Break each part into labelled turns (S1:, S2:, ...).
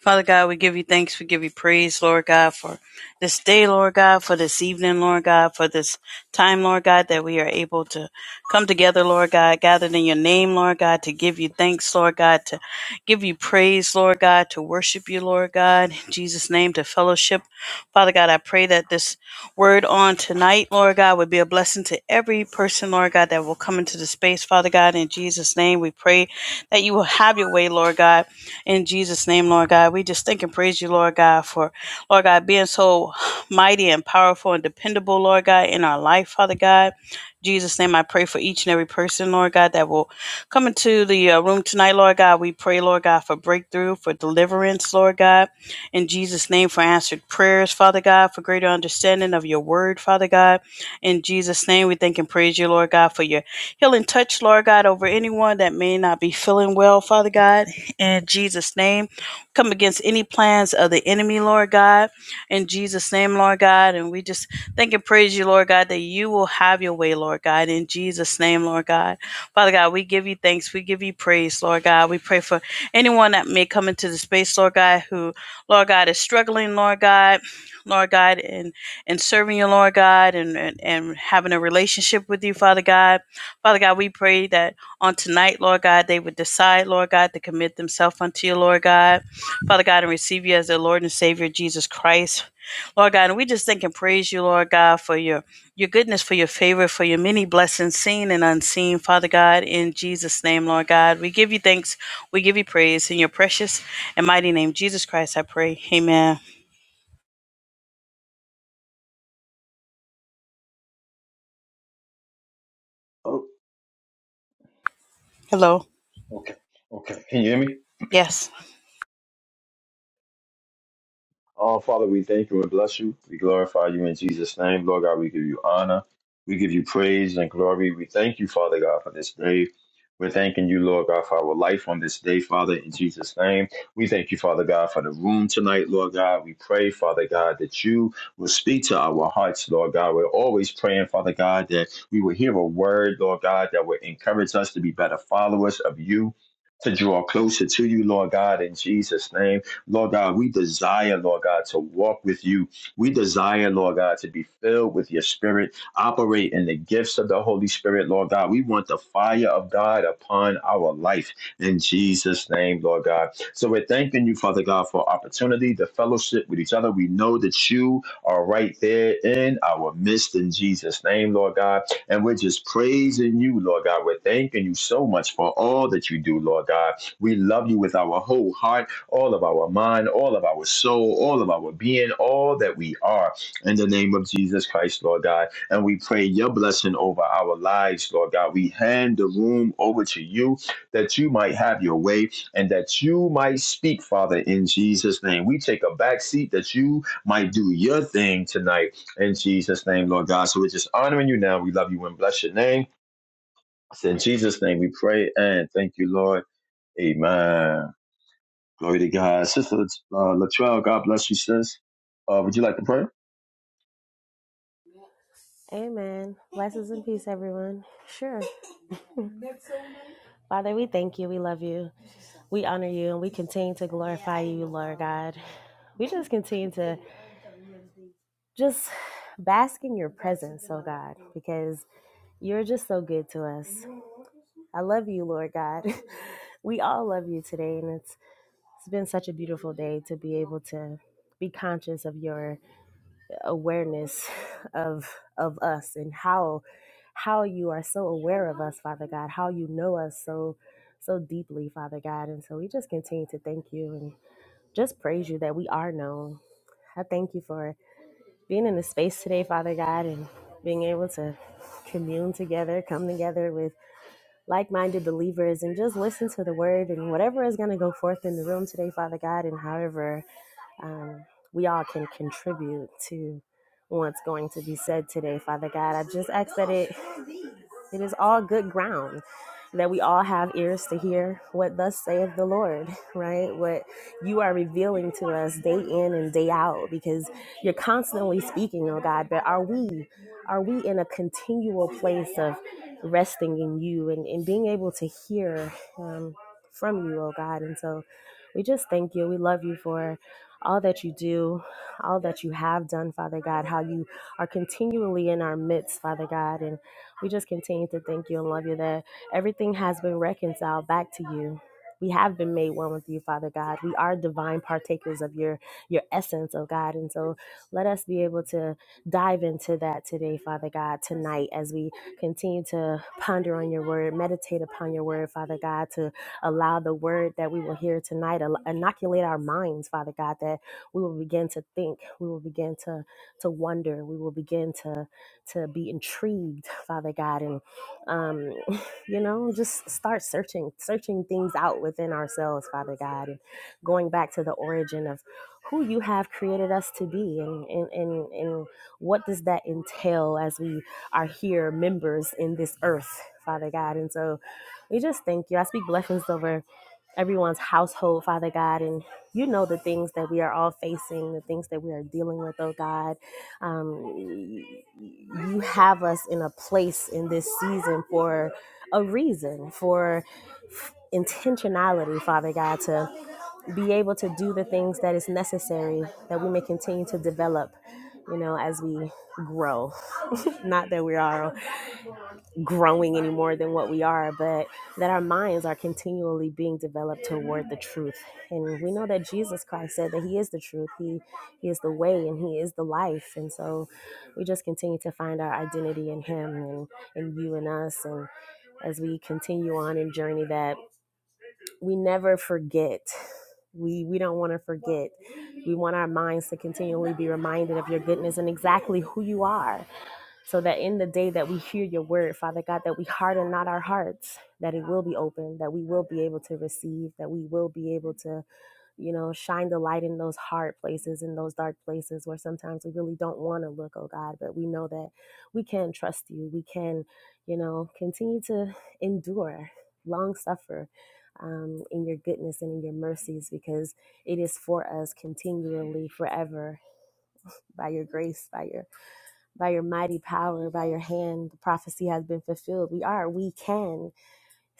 S1: Father God, we give you thanks. We give you praise, Lord God, for this day, Lord God, for this evening, Lord God, for this time, Lord God, that we are able to come together, Lord God, gathered in your name, Lord God, to give you thanks, Lord God, to give you praise, Lord God, to worship you, Lord God, in Jesus' name, to fellowship. Father God, I pray that this word on tonight, Lord God, would be a blessing to every person, Lord God, that will come into the space, Father God, in Jesus' name. We pray that you will have your way, Lord God. In Jesus' name, Lord God, we just thank and praise you, Lord God, for, Lord God, being so mighty and powerful and dependable, Lord God, in our life, Father God. Jesus' name, I pray for each and every person, Lord God, that will come into the uh, room tonight, Lord God. We pray, Lord God, for breakthrough, for deliverance, Lord God. In Jesus' name, for answered prayers, Father God, for greater understanding of your word, Father God. In Jesus' name, we thank and praise you, Lord God, for your healing touch, Lord God, over anyone that may not be feeling well, Father God in Jesus' name. Come against any plans of the enemy, Lord God, in Jesus' name, Lord God. And we just thank and praise you, Lord God, that you will have your way, Lord God, in Jesus' name, Lord God. Father God, we give you thanks. We give you praise, Lord God. We pray for anyone that may come into the space, Lord God, who, Lord God, is struggling, Lord God. Lord God, and and serving you, Lord God, and, and and having a relationship with you, Father God. Father God, we pray that on tonight, Lord God, they would decide, Lord God, to commit themselves unto you, Lord God. Father God, and receive you as their Lord and Savior, Jesus Christ. Lord God, and we just thank and praise you, Lord God, for your your goodness, for your favor, for your many blessings, seen and unseen, Father God, in Jesus' name, Lord God. We give you thanks, we give you praise in your precious and mighty name, Jesus Christ, I pray. Amen.
S2: Oh,
S1: Hello.
S2: okay. Can you hear me?
S1: Yes.
S2: Oh, Father, we thank you and bless you. We glorify you in Jesus' name. Lord God, we give you honor. We give you praise and glory. We thank you, Father God, for this day. We're thanking you, Lord God, for our life on this day, Father, in Jesus' name. We thank you, Father God, for the room tonight, Lord God. We pray, Father God, that you will speak to our hearts, Lord God. We're always praying, Father God, that we will hear a word, Lord God, that will encourage us to be better followers of you, to draw closer to you, Lord God, in Jesus' name. Lord God, we desire, Lord God, to walk with you. We desire, Lord God, to be filled with your spirit, operate in the gifts of the Holy Spirit, Lord God. We want the fire of God upon our life in Jesus' name, Lord God. So we're thanking you, Father God, for opportunity to fellowship with each other. We know that you are right there in our midst in Jesus' name, Lord God. And we're just praising you, Lord God. We're thanking you so much for all that you do, Lord God. We love you with our whole heart all of our mind, all of our soul, all of our being, all that we are in the name of Jesus Christ, Lord God. And we pray your blessing over our lives, Lord God. We hand the room over to you that you might have your way and that you might speak, Father, in Jesus' name. We take a back seat that you might do your thing tonight in Jesus' name, Lord God. So we're just honoring you now. We love you and bless your name. It's in Jesus' name we pray and thank you, Lord. Amen. Glory to God. Sister uh, Latrell, God bless you, sis. Uh, would you like to pray?
S3: Amen. Blessings and peace, everyone. Sure. Father, we thank you. We love you. We honor you and we continue to glorify you, Lord God. We just continue to just bask in your presence, oh God, because you're just so good to us. I love you, Lord God. We all love you today, and it's it's been such a beautiful day to be able to be conscious of your awareness of of us and how how you are so aware of us, Father God, how you know us so so deeply, Father God. And so we just continue to thank you and just praise you that we are known. I thank you for being in the space today, Father God, and being able to commune together, come together with like-minded believers and just listen to the word and whatever is going to go forth in the room today, Father God, and however um, we all can contribute to what's going to be said today, Father God. I just ask that it it is all good ground that we all have ears to hear what thus saith the Lord, right? What you are revealing to us day in and day out because you're constantly speaking, oh God, but are we are we in a continual place of resting in you and, and being able to hear um, from you, oh God? And so we just thank you. We love you for all that you do, all that you have done, Father God, how you are continually in our midst, Father God. and. We just continue to thank you and love you that everything has been reconciled back to you. We have been made one with you, Father God. We are divine partakers of your your essence, oh God. And so let us be able to dive into that today, Father God, tonight as we continue to ponder on your word, meditate upon your word, Father God, to allow the word that we will hear tonight, al- inoculate our minds, Father God, that we will begin to think, we will begin to to wonder, we will begin to to be intrigued, Father God, and um, you know, just start searching, searching things out within ourselves, Father God, and going back to the origin of who you have created us to be and, and, and, and what does that entail as we are here members in this earth, Father God. And so we just thank you. I speak blessings over everyone's household, Father God. And you know the things that we are all facing, the things that we are dealing with, oh God. Um, you have us in a place in this season for a reason, for intentionality, Father God, to be able to do the things that is necessary that we may continue to develop, you know, as we grow. Not that we are growing any more than what we are, but that our minds are continually being developed toward the truth. And we know that Jesus Christ said that He is the truth, He, he is the way, and He is the life. And so we just continue to find our identity in Him and, and you and us. And as we continue on and journey that, we never forget. We, we don't want to forget. We want our minds to continually be reminded of your goodness and exactly who you are so that in the day that we hear your word, Father God, that we harden not our hearts, that it will be open, that we will be able to receive, that we will be able to, you know, shine the light in those hard places, in those dark places where sometimes we really don't want to look, oh God, but we know that we can trust you. We can, you know, continue to endure, long suffer. Um, in your goodness and in your mercies, because it is for us continually, forever, by your grace, by your by your mighty power, by your hand, the prophecy has been fulfilled. We are, we can.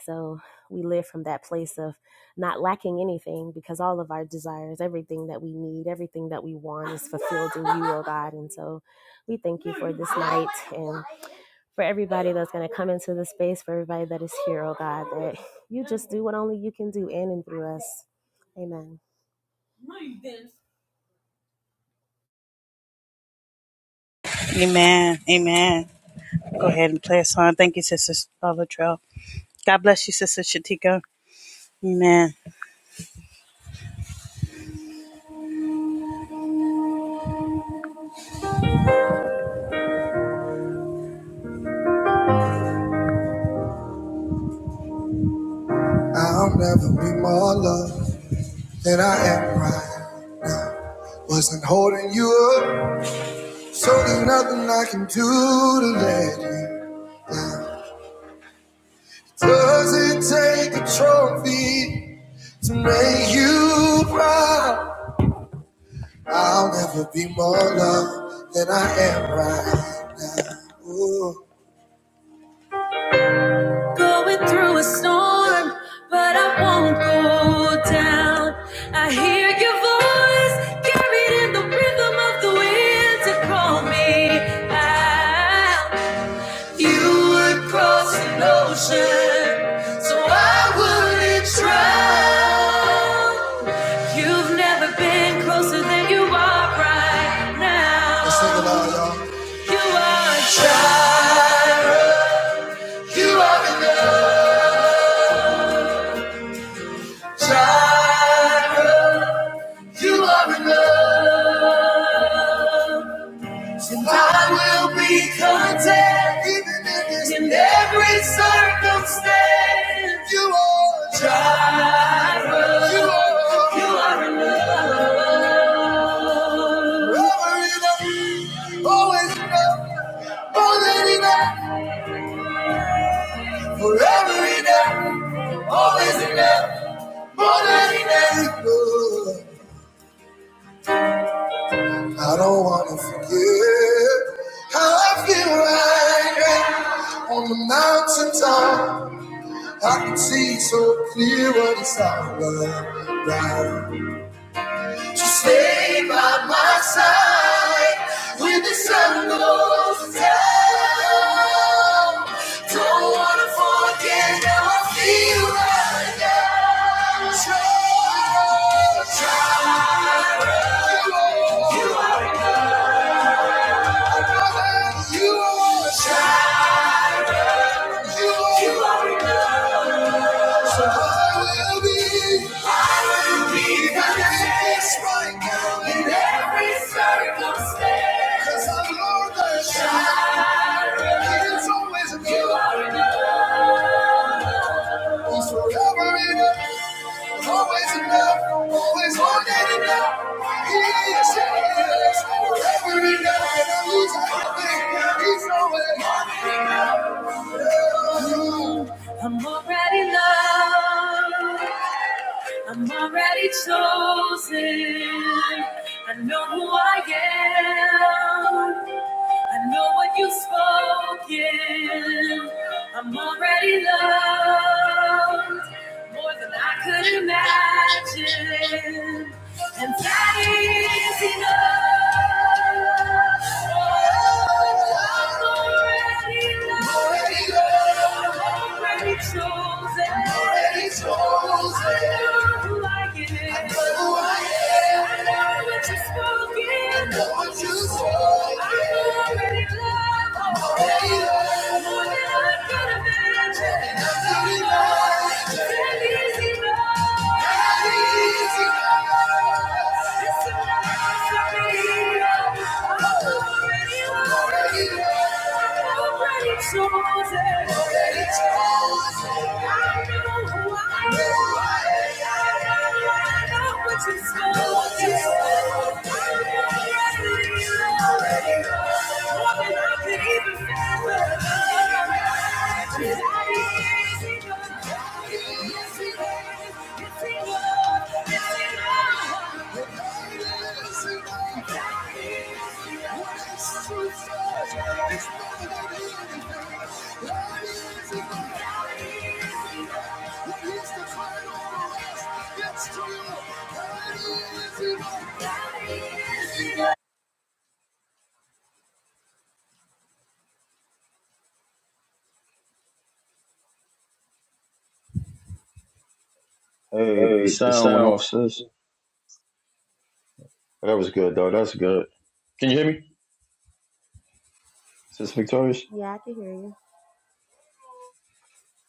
S3: So we live from that place of not lacking anything because all of our desires, everything that we need, everything that we want is fulfilled in you, oh God. And so we thank you for this night and for everybody that's going to come into the space, for everybody that is here, oh God, that you just do what only you can do in and through us. Amen.
S1: Amen. Amen. Go ahead and play a song. Thank you, Sister Latrell. God bless you, Sister Shatika. Amen. I'll never be more loved than I am right now. Wasn't holding you up, so there's nothing I can do to let you. Does it take a trophy to make you proud? I'll never be more loved than I am right now. Ooh. Going through a storm, but I won't go down. I hear your voice carried in the rhythm of the wind to call me out. You would cross an ocean, so I wouldn't drown. You've never been closer than you are right now. Let's sing it loud, y'all. Try, you are enough. Try. You are enough, and I will be content even in, this in every circumstance. You are Jireh. You are, you are enough, forever enough, always enough, more than enough, forever enough, always enough, more than enough. I don't wanna forget how I feel right now on the mountaintop, I can see so clear what it's all about. So stay by my side when the sun goes down. Don't wanna forget how I feel right now. Try, try, you are, you are, you are. Circumstance, Cause I'm Lord, the child. It's always you. are enough. He's forever enough, always enough, always more than enough. He is, he is forever enough. He's everything, he's always more than enough. I'm already loved. I'm already chosen. I know who I am. I know what you've spoken. I'm already loved more than I could imagine, and that is enough. Thank you already won. I'm already won. Already chosen. Already chosen. I know who I am. I know who I am. I know what you're supposed to do. I'm already loved. More than I could even fathom. His eyes, he knows. Yes, he knows. Yes, he knows. Yes, he knows. Yes, he knows.
S2: Hey, the sound went off, sis. That was good, though. That's good. Can you hear me, Sis Victorious?
S3: Yeah, I can hear you.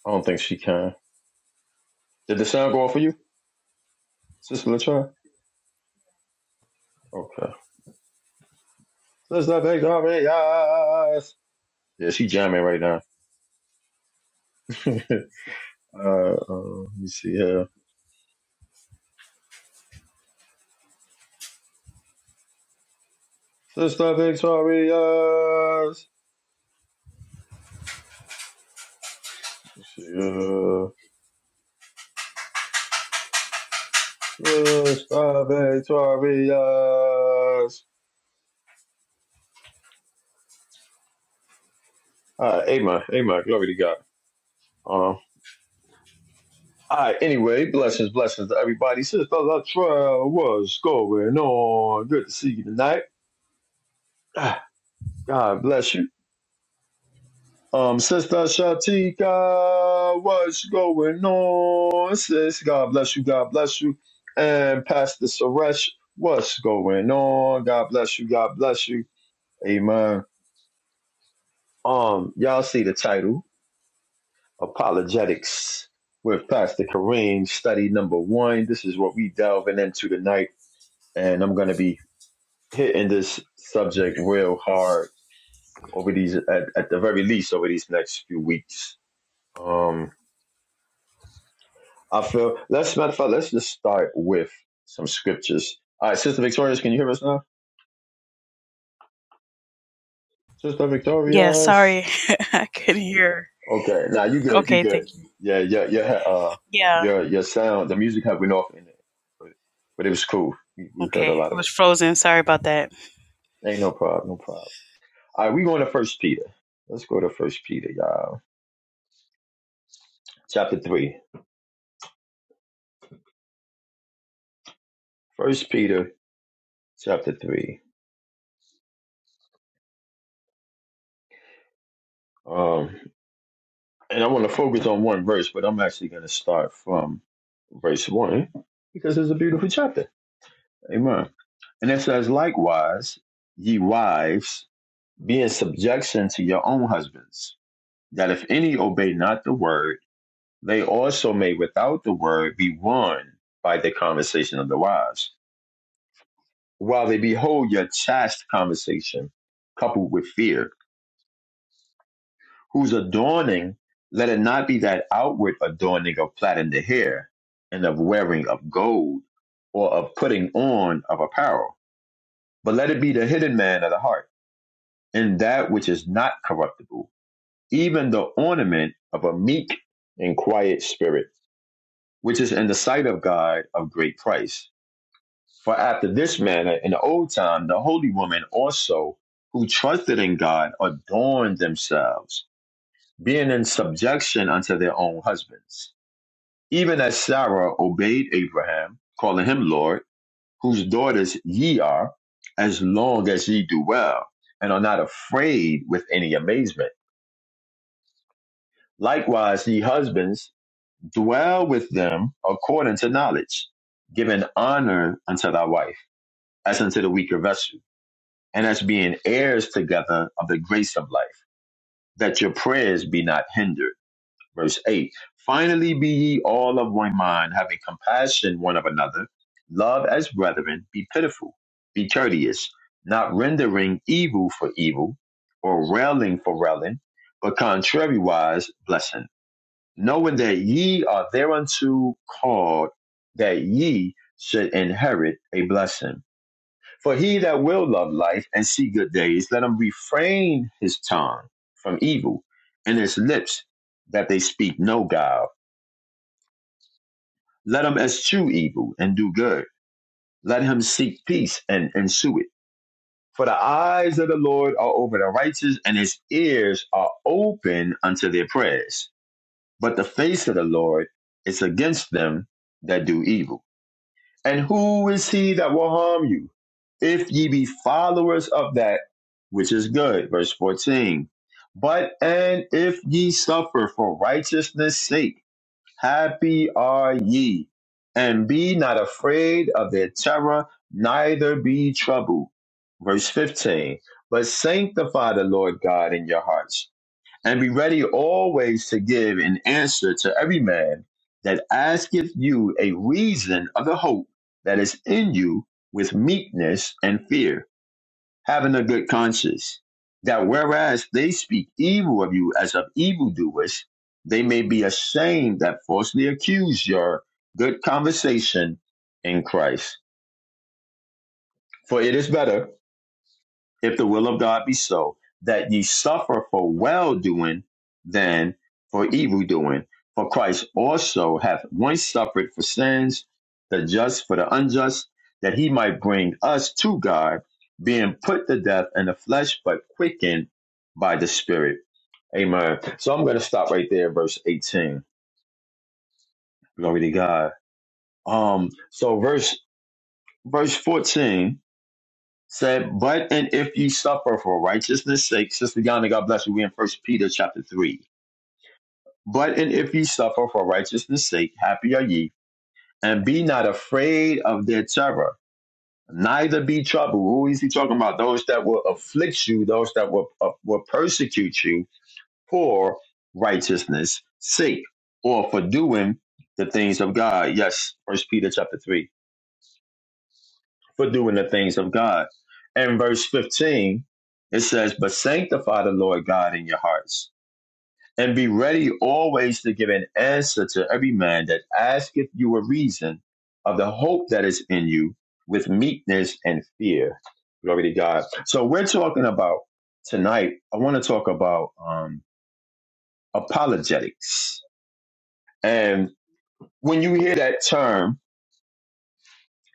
S2: I don't think she can. Did the sound go off for you, Sister Latrell? Okay. Sister Victorious. Yeah, she jamming right now. uh, uh, let me see here. Sister Victorious. Let's see here. Sister Victorious. All right, amen. Amen. Glory to God. Um, all right, anyway, blessings, blessings to everybody. Sister Latrell, what's going on? Good to see you tonight. Ah, God bless you. Um, Sister Shatika, what's going on? Sis, God bless you, God bless you. And Pastor Suresh, what's going on? God bless you, God bless you. Amen. Um, y'all see the title, Apologetics with Pastor Kareem, study number one. This is what we delving into tonight and I'm going to be hitting this subject real hard over these, at, at the very least, over these next few weeks. Um, I feel let's matter of fact, let's just start with some scriptures. All right, Sister Victorious, can you hear us now? Sister
S1: Yeah,
S2: Victorious.
S1: sorry. I couldn't hear.
S2: Okay, now you good, you
S1: Okay,
S2: good.
S1: thank you.
S2: Yeah, yeah, yeah. uh,
S1: Yeah,
S2: your your sound, the music had went off in it, but, but it was cool. We, we heard a
S1: okay.
S2: lot
S1: It
S2: of
S1: was
S2: it.
S1: frozen. Sorry about that.
S2: Ain't no problem, no problem. All right, we going to First Peter. Let's go to First Peter, y'all. Chapter three. First Peter, chapter three. Um, and I want to focus on one verse, but I'm actually going to start from verse 1 because it's a beautiful chapter. Amen. And it says, Likewise, ye wives, be in subjection to your own husbands, that if any obey not the word, they also may without the word be won by the conversation of the wives, while they behold your chaste conversation coupled with fear whose adorning, let it not be that outward adorning of plaiting the hair, and of wearing of gold, or of putting on of apparel, but let it be the hidden man of the heart, in that which is not corruptible, even the ornament of a meek and quiet spirit, which is in the sight of God of great price. For after this manner, in the old time, the holy women also, who trusted in God, adorned themselves, being in subjection unto their own husbands Even as Sarah obeyed Abraham, calling him Lord, whose daughters ye are, as long as ye do well, and are not afraid with any amazement. Likewise, ye husbands, dwell with them according to knowledge, giving honor unto thy wife, as unto the weaker vessel, and as being heirs together of the grace of life, that your prayers be not hindered. Verse 8 Finally, be ye all of one mind, having compassion one of another. Love as brethren, be pitiful, be courteous, not rendering evil for evil, or railing for railing, but contrariwise blessing, knowing that ye are thereunto called, that ye should inherit a blessing. For he that will love life and see good days, let him refrain his tongue from evil and his lips that they speak no guile. Let him eschew evil and do good. Let him seek peace and ensue it. For the eyes of the Lord are over the righteous, and his ears are open unto their prayers. But the face of the Lord is against them that do evil. And who is he that will harm you? If ye be followers of that which is good. Verse 14. But and if ye suffer for righteousness' sake, happy are ye. And be not afraid of their terror, neither be troubled. Verse 15. But sanctify the Lord God in your hearts and be ready always to give an answer to every man that asketh you a reason of the hope that is in you with meekness and fear, having a good conscience, that whereas they speak evil of you as of evildoers, they may be ashamed that falsely accuse your good conversation in Christ. For it is better if the will of God be so, that ye suffer for well doing than for evil doing. For Christ also hath once suffered for sins, the just for the unjust, that he might bring us to God, being put to death in the flesh, but quickened by the Spirit. Amen. So I'm going to stop right there, verse 18. Glory to God. Um. So verse verse 14 said, But and if you suffer for righteousness' sake, Sister Yana, God bless you. We're in First Peter chapter three. But and if you suffer for righteousness' sake, happy are ye, and be not afraid of their terror, neither be troubled. Who is he talking about? Those that will afflict you, those that will uh, will persecute you for righteousness' sake, or for doing the things of God. Yes, First Peter chapter three. for doing the things of God. And verse 15, it says, But sanctify the Lord God in your hearts, and be ready always to give an answer to every man that asketh you a reason of the hope that is in you with meekness and fear. Glory to God. So we're talking about tonight, I want to talk about um, apologetics. And when you hear that term,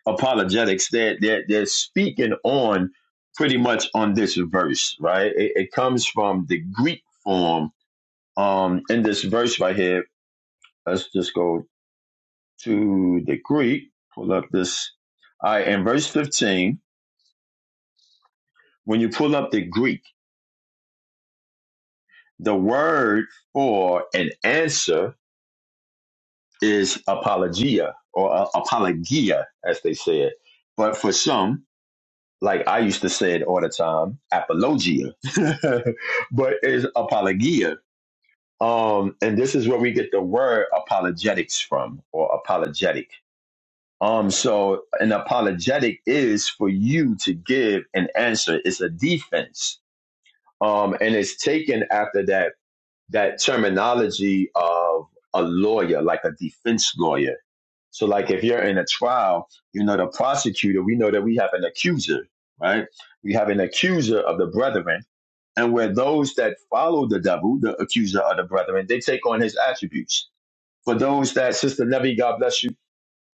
S2: apologetics, they're, they're, they're speaking on pretty much on this verse, right? It, it comes from the Greek form. Um, in this verse right here, let's just go to the Greek, pull up this. All right, in verse 15, when you pull up the Greek, the word for an answer is apologia or uh, apologia, as they say it. But for some, like I used to say it all the time, apologia, but it's apologia. Um, and this is where we get the word apologetics from, or apologetic. Um, so an apologetic is for you to give an answer. It's a defense. Um, and it's taken after that that terminology of a lawyer, like a defense lawyer so, like if you're in a trial, you know, the prosecutor, we know that we have an accuser, right? We have an accuser of the brethren. And where those that follow the devil, the accuser of the brethren, they take on his attributes. For those that, Sister Nevi, God bless you.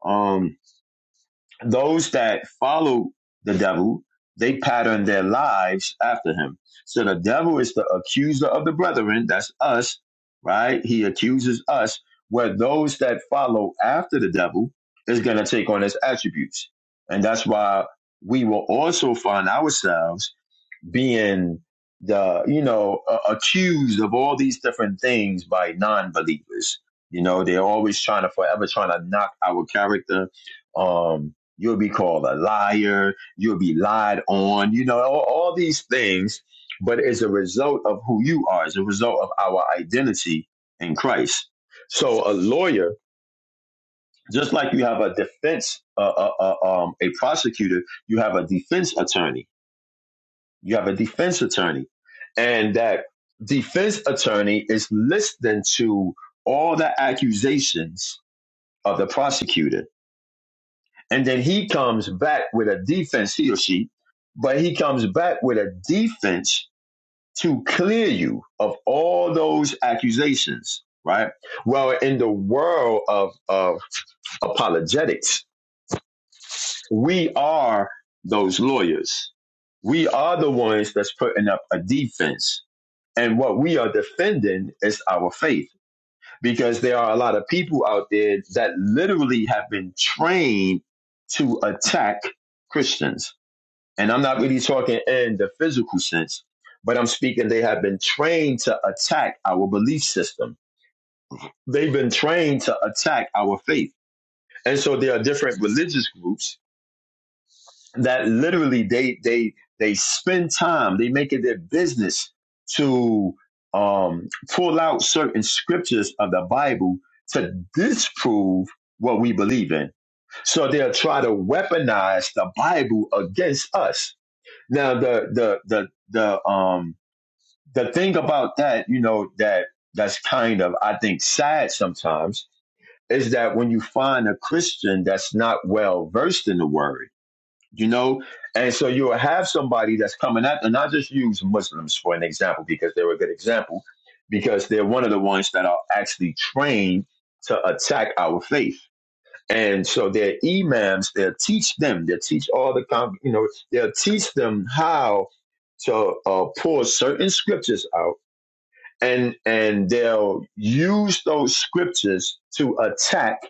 S2: Um those that follow the devil, they pattern their lives after him. So the devil is the accuser of the brethren. That's us, right? He accuses us. Where those that follow after the devil is going to take on his attributes. And that's why we will also find ourselves being the you know uh, accused of all these different things by non-believers you know they're always trying to forever trying to knock our character um you'll be called a liar you'll be lied on you know all, all these things but as a result of who you are as a result of our identity in christ so a lawyer just like you have a defense uh, uh, uh, um, a prosecutor you have a defense attorney you have a defense attorney. And that defense attorney is listening to all the accusations of the prosecutor. And then he comes back with a defense, he or she, but he comes back with a defense to clear you of all those accusations, right? Well, in the world of, of apologetics, we are those lawyers. We are the ones that's putting up a defense And what we are defending is our faith because there are a lot of people out there that literally have been trained to attack Christians. And I'm not really talking in the physical sense, but I'm speaking they have been trained to attack our belief system. They've been trained to attack our faith. And so there are different religious groups that literally they they they spend time they make it their business to um pull out certain scriptures of the bible to disprove what we believe in so they'll try to weaponize the bible against us now the the the the um the thing about that you know that that's kind of i think sad sometimes is that when you find a christian that's not well versed in the word you know and so you'll have somebody that's coming out and i just use muslims for an example because they're a good example because they're one of the ones that are actually trained to attack our faith and so their imams they'll teach them they'll teach all the con- you know they'll teach them how to uh, pull certain scriptures out and and they'll use those scriptures to attack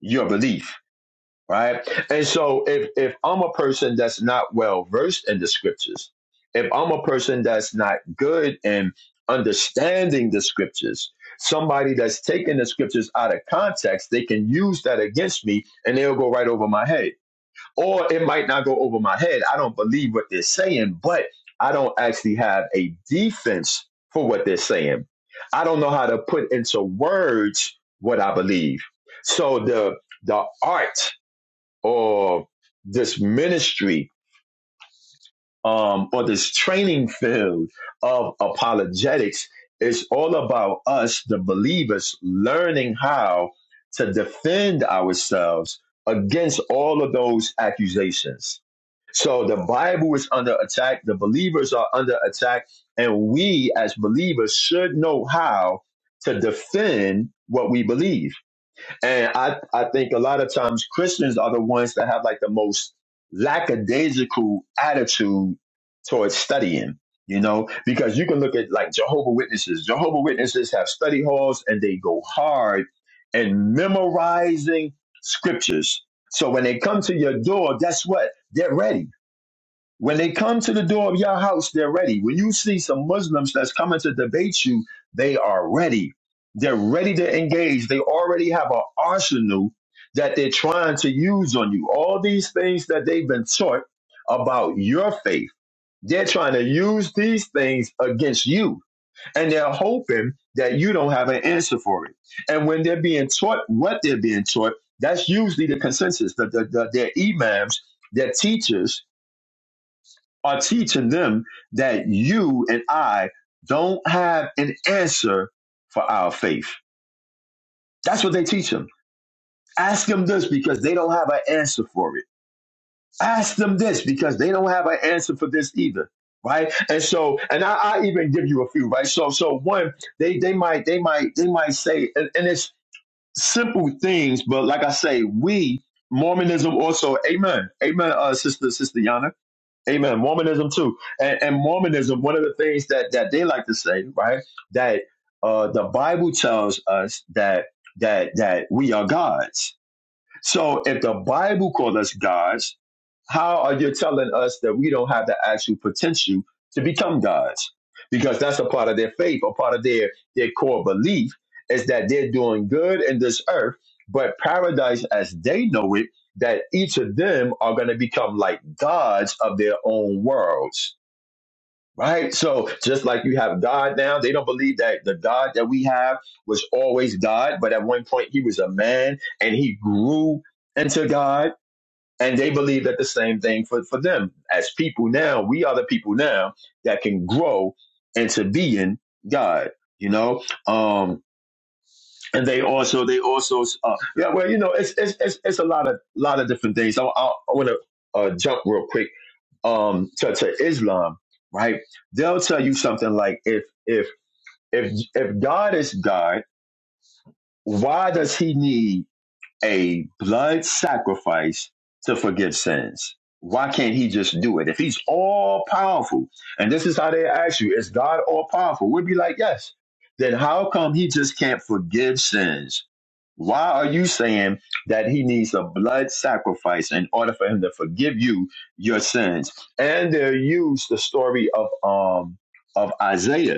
S2: your belief right? And so if if I'm a person that's not well versed in the scriptures, if I'm a person that's not good in understanding the scriptures, somebody that's taking the scriptures out of context, they can use that against me and they'll go right over my head. Or it might not go over my head. I don't believe what they're saying, but I don't actually have a defense for what they're saying. I don't know how to put into words what I believe. So the the art or this ministry um, or this training field of apologetics is all about us, the believers, learning how to defend ourselves against all of those accusations. So the Bible is under attack, the believers are under attack, and we as believers should know how to defend what we believe and I, I think a lot of times Christians are the ones that have like the most lackadaisical attitude towards studying, you know, because you can look at like Jehovah Witnesses. Jehovah Witnesses have study halls and they go hard in memorizing scriptures. So when they come to your door, guess what? They're ready when they come to the door of your house, they're ready. When you see some Muslims that's coming to debate you, they are ready. They're ready to engage. They already have an arsenal that they're trying to use on you. All these things that they've been taught about your faith, they're trying to use these things against you. And they're hoping that you don't have an answer for it. And when they're being taught what they're being taught, that's usually the consensus that the, the, their imams, their teachers, are teaching them that you and I don't have an answer for our faith. That's what they teach them. Ask them this because they don't have an answer for it. Ask them this because they don't have an answer for this either. Right. And so, and I, I even give you a few, right? So, so one, they, they might, they might, they might say, and, and it's simple things, but like I say, we, Mormonism also, amen. Amen, uh, sister, sister Yana Amen. Mormonism too, and, and Mormonism. One of the things that that they like to say, right, that uh, the Bible tells us that that that we are gods so if the Bible calls us gods, how are you telling us that we don't have the actual potential to become gods? Because that's a part of their faith, a part of their, their core belief is that they're doing good in this earth, but paradise as they know it, that each of them are going to become like gods of their own worlds Right? So just like you have God now, they don't believe that the God that we have was always God, but at one point he was a man and he grew into God. And they believe that the same thing for, for them. As people now, we are the people now that can grow into being God. You know, um, and they also they also uh, yeah well you know it's it's it's, it's a lot of lot of different things. I, I, I want to uh, jump real quick um to, to Islam, right? They'll tell you something like if if if if God is God, why does he need a blood sacrifice to forgive sins. Why can't he just do it? If he's all powerful, and this is how they ask you, is God all powerful? We'd be like, yes. Then how come he just can't forgive sins? Why are you saying that he needs a blood sacrifice in order for him to forgive you your sins? And they use the story of um of Isaiah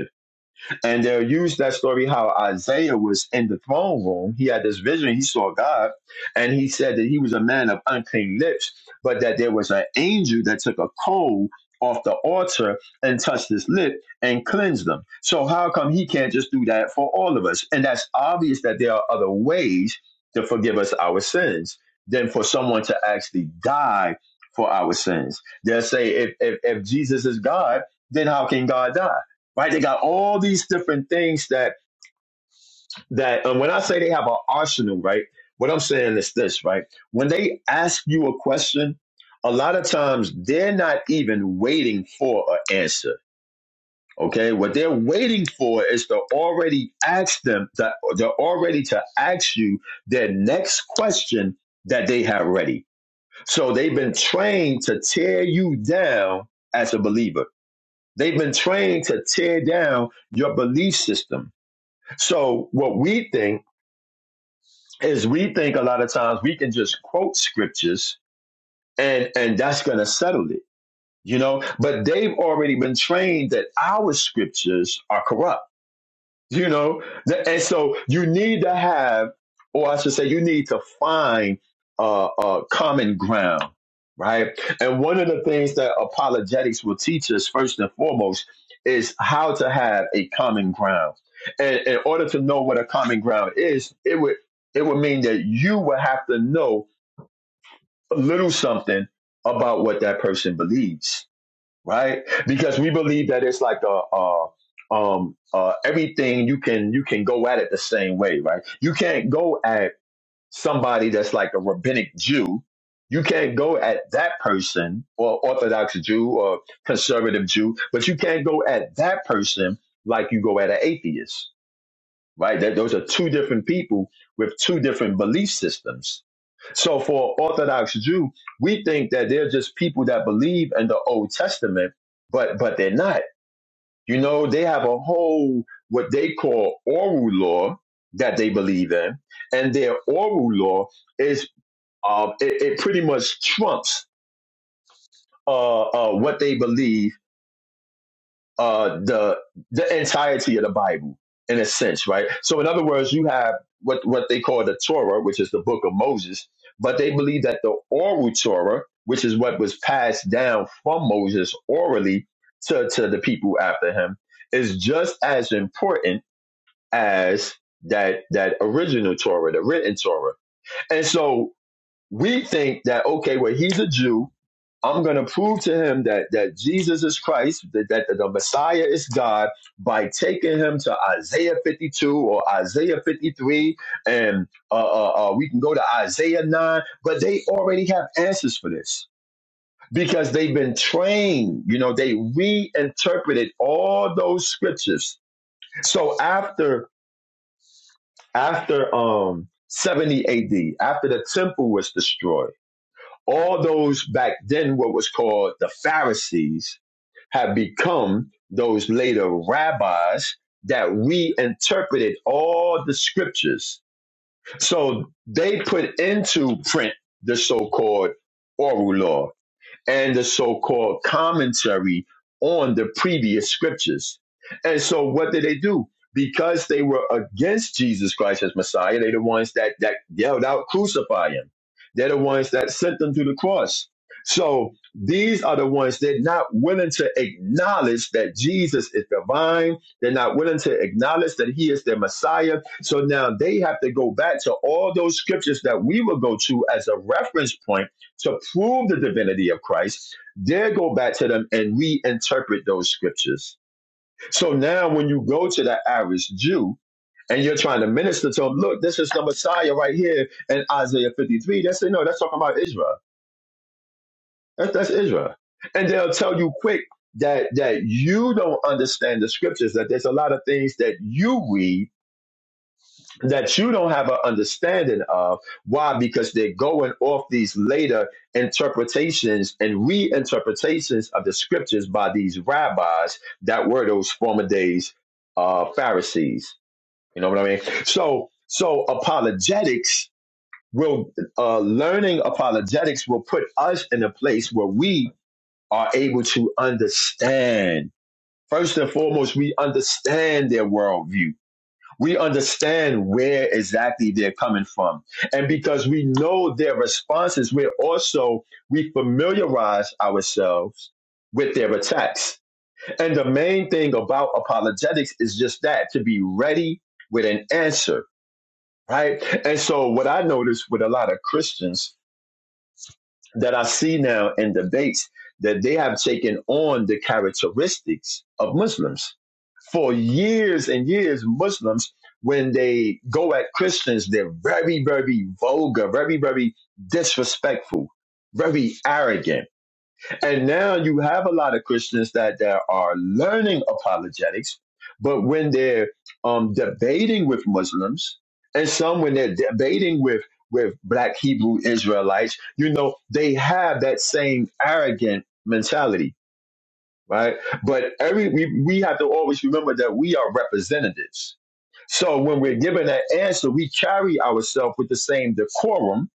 S2: and they'll use that story how Isaiah was in the throne room. He had this vision. He saw God, and he said that he was a man of unclean lips, but that there was an angel that took a coal off the altar and touched his lip and cleansed them. So how come he can't just do that for all of us? And that's obvious that there are other ways to forgive us our sins than for someone to actually die for our sins. They'll say if if, if Jesus is God, then how can God die? right? They got all these different things that that. And when I say they have an arsenal, right? What I'm saying is this, right? When they ask you a question, a lot of times they're not even waiting for an answer. Okay, what they're waiting for is to already ask them that they're already to ask you their next question that they have ready. So they've been trained to tear you down as a believer. They've been trained to tear down your belief system. So what we think is we think a lot of times we can just quote scriptures and and that's going to settle it, you know. But they've already been trained that our scriptures are corrupt you know The- and so you need to have or i should say you need to find uh, uh common ground right and one of the things that apologetics will teach us first and foremost is how to have a common ground and in order to know what a common ground is it would it would mean that you would have to know a little something about what that person believes right? Because we believe that it's like a, uh um uh everything you can you can go at it the same way, right? You can't go at somebody that's like a rabbinic Jew. You can't go at that person or Orthodox Jew or conservative Jew, but you can't go at that person like you go at an atheist right? That, those are two different people with two different belief systems. So for Orthodox Jew, we think that they're just people that believe in the Old Testament, but but they're not. You know, they have a whole what they call oral law that they believe in, and their oral law is uh, it, it pretty much trumps uh, uh, what they believe uh, the the entirety of the Bible in a sense, right? So in other words, you have what what they call the Torah, which is the book of Moses, but they believe that the oral Torah, which is what was passed down from Moses orally to, to the people after him, is just as important as that that original Torah, the written Torah. And so we think that okay, well he's a Jew, I'm going to prove to him that that Jesus is Christ, that, that the Messiah is God, by taking him to Isaiah 52 or Isaiah 53, and uh, uh, uh, we can go to Isaiah 9. But they already have answers for this because they've been trained. You know, they reinterpreted all those scriptures. So after after um 70 AD, after the temple was destroyed all those back then what was called the Pharisees have become those later rabbis that reinterpreted all the scriptures. So they put into print the so-called oral law and the so called commentary on the previous scriptures. And so, what did they do? Because they were against Jesus Christ as Messiah, they're the ones that, that yelled out, crucify him. They're the ones that sent them to the cross. So, these are the ones that are not willing to acknowledge that Jesus is divine. They're not willing to acknowledge that he is their Messiah. So now they have to go back to all those scriptures that we will go to as a reference point to prove the divinity of Christ, they go back to them and reinterpret those scriptures. So now when you go to the Irish Jew and you're trying to minister to them, look, this is the Messiah right here in Isaiah 53. They say, no, that's talking about Israel. That's, that's Israel. And they'll tell you quick that, that you don't understand the scriptures, that there's a lot of things that you read that you don't have an understanding of. Why? Because they're going off these later interpretations and reinterpretations of the scriptures by these rabbis that were those former days uh, Pharisees. You know what I mean? So, so apologetics will uh, learning apologetics will put us in a place where we are able to understand. First and foremost, we understand their worldview we understand where exactly they're coming from. And because we know their responses, we're also, we familiarize ourselves with their attacks. And the main thing about apologetics is just that to be ready with an answer, right? And so what I notice with a lot of Christians that I see now in debates that they have taken on the characteristics of Muslims for years and years, Muslims, when they go at Christians, they're very, very vulgar, very, very disrespectful, very arrogant. And now you have a lot of Christians that, that are learning apologetics, but when they're um, debating with Muslims, and some when they're debating with with black Hebrew Israelites, you know, they have that same arrogant mentality right? But every we, we have to always remember that we are representatives. So when we're given an answer, we carry ourselves with the same decorum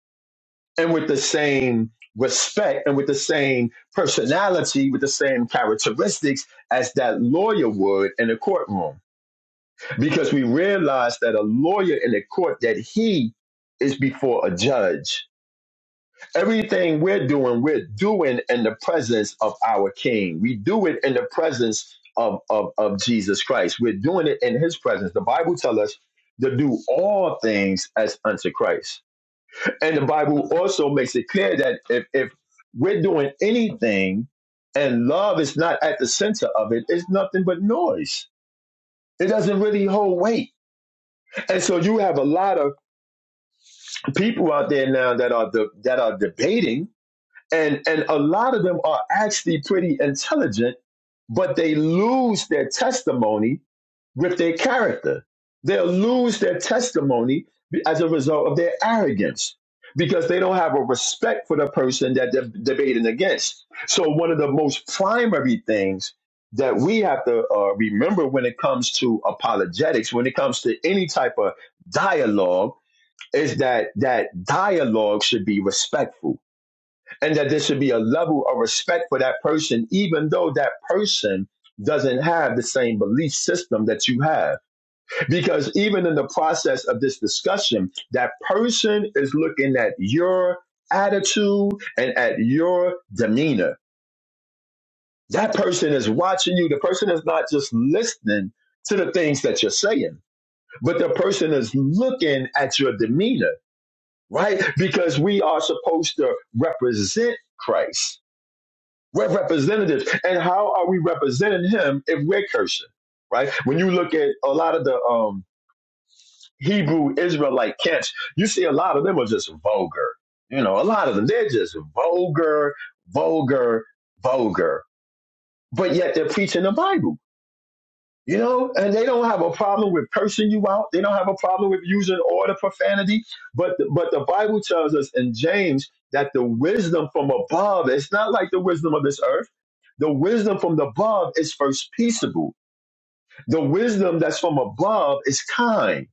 S2: and with the same respect and with the same personality, with the same characteristics as that lawyer would in a courtroom. Because we realize that a lawyer in a court that he is before a judge Everything we're doing, we're doing in the presence of our King. We do it in the presence of, of, of Jesus Christ. We're doing it in his presence. The Bible tells us to do all things as unto Christ. And the Bible also makes it clear that if, if we're doing anything and love is not at the center of it, it's nothing but noise. It doesn't really hold weight. And so you have a lot of people out there now that are the, that are debating and and a lot of them are actually pretty intelligent but they lose their testimony with their character they'll lose their testimony as a result of their arrogance because they don't have a respect for the person that they're debating against so one of the most primary things that we have to uh, remember when it comes to apologetics when it comes to any type of dialogue is that that dialogue should be respectful and that there should be a level of respect for that person, even though that person doesn't have the same belief system that you have. Because even in the process of this discussion, that person is looking at your attitude and at your demeanor. That person is watching you. The person is not just listening to the things that you're saying, but the person is looking at your demeanor, right? Because we are supposed to represent Christ We're representatives. And how are we representing him if we're cursing? Right? When you look at a lot of the um Hebrew Israelite camps, you see a lot of them are just vulgar. You know, a lot of them, they're just vulgar, vulgar, vulgar. But yet they're preaching the Bible. You know, and they don't have a problem with cursing you out. They don't have a problem with using all the profanity. But but the Bible tells us in James that the wisdom from above, it's not like the wisdom of this earth. The wisdom from above is first peaceable. The wisdom that's from above is kind.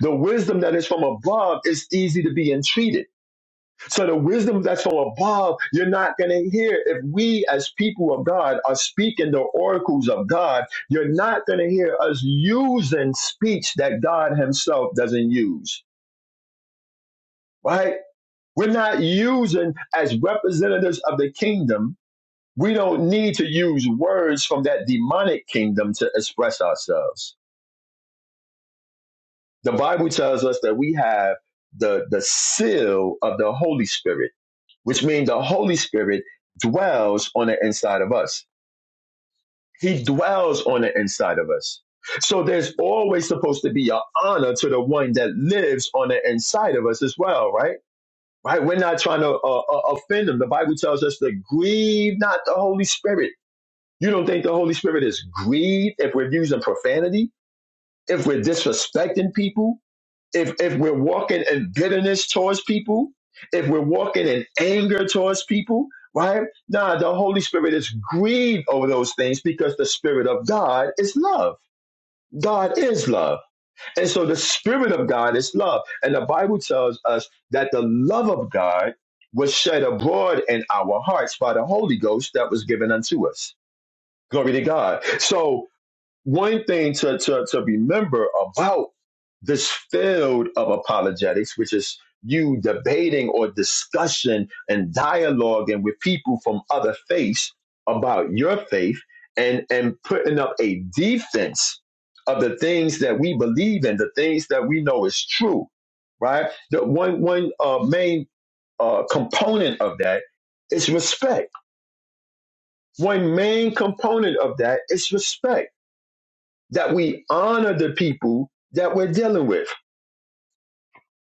S2: The wisdom that is from above is easy to be entreated. So the wisdom that's from above, you're not going to hear. If we as people of God are speaking the oracles of God, you're not going to hear us using speech that God himself doesn't use, right? We're not using as representatives of the kingdom. We don't need to use words from that demonic kingdom to express ourselves. The Bible tells us that we have the, the seal of the Holy Spirit which means the Holy Spirit dwells on the inside of us. He dwells on the inside of us. So there's always supposed to be an honor to the one that lives on the inside of us as well, right? Right? We're not trying to uh, uh, offend them. The Bible tells us to grieve not the Holy Spirit. You don't think the Holy Spirit is grieved if we're using profanity, if we're disrespecting people, if if we're walking in bitterness towards people, if we're walking in anger towards people, right? Nah, the Holy Spirit is grieved over those things because the Spirit of God is love. God is love. And so the Spirit of God is love. And the Bible tells us that the love of God was shed abroad in our hearts by the Holy Ghost that was given unto us. Glory to God. So one thing to, to, to remember about this field of apologetics, which is you debating or discussion and dialoguing with people from other faiths about your faith and, and putting up a defense of the things that we believe in, the things that we know is true, right? The one, one uh, main uh, component of that is respect. One main component of that is respect that we honor the people that we're dealing with.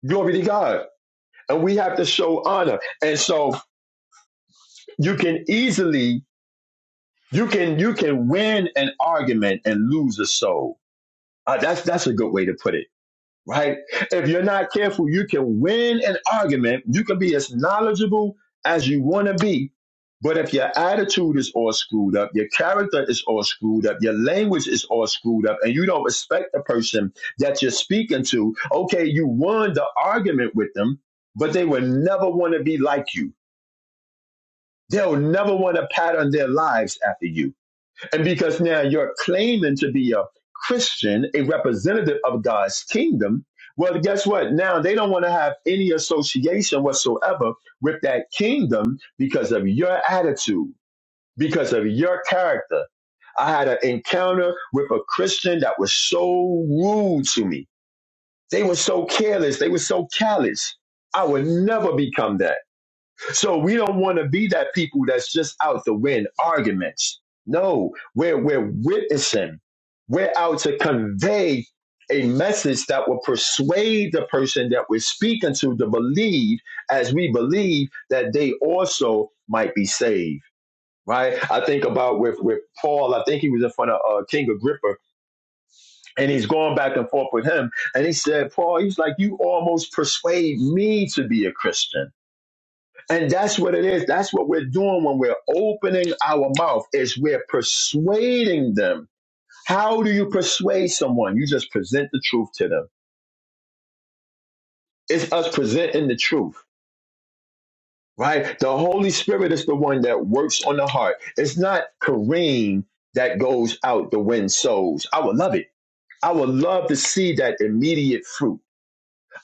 S2: Glory to God. And we have to show honor. And so you can easily, you can, you can win an argument and lose a soul. Uh, that's, that's a good way to put it right? If you're not careful, you can win an argument. You can be as knowledgeable as you want to be. But if your attitude is all screwed up, your character is all screwed up, your language is all screwed up, and you don't respect the person that you're speaking to, okay, you won the argument with them, but they will never want to be like you. They'll never want to pattern their lives after you and because now you're claiming to be a Christian, a representative of God's kingdom, well, guess what? Now they don't want to have any association whatsoever with that kingdom because of your attitude, because of your character. I had an encounter with a Christian that was so rude to me. They were so careless. They were so callous. I would never become that. So we don't want to be that people that's just out to win arguments. No, we're we're witnessing. We're out to convey a message that will persuade the person that we're speaking to to believe, as we believe, that they also might be saved. Right? I think about with with Paul. I think he was in front of uh, King Agrippa, and he's going back and forth with him. And he said, Paul, he's like, you almost persuade me to be a Christian. And that's what it is. That's what we're doing when we're opening our mouth is we're persuading them. How do you persuade someone? You just present the truth to them. It's us presenting the truth, right? The Holy Spirit is the one that works on the heart. It's not Kareem that goes out the wind sows. I would love it. I would love to see that immediate fruit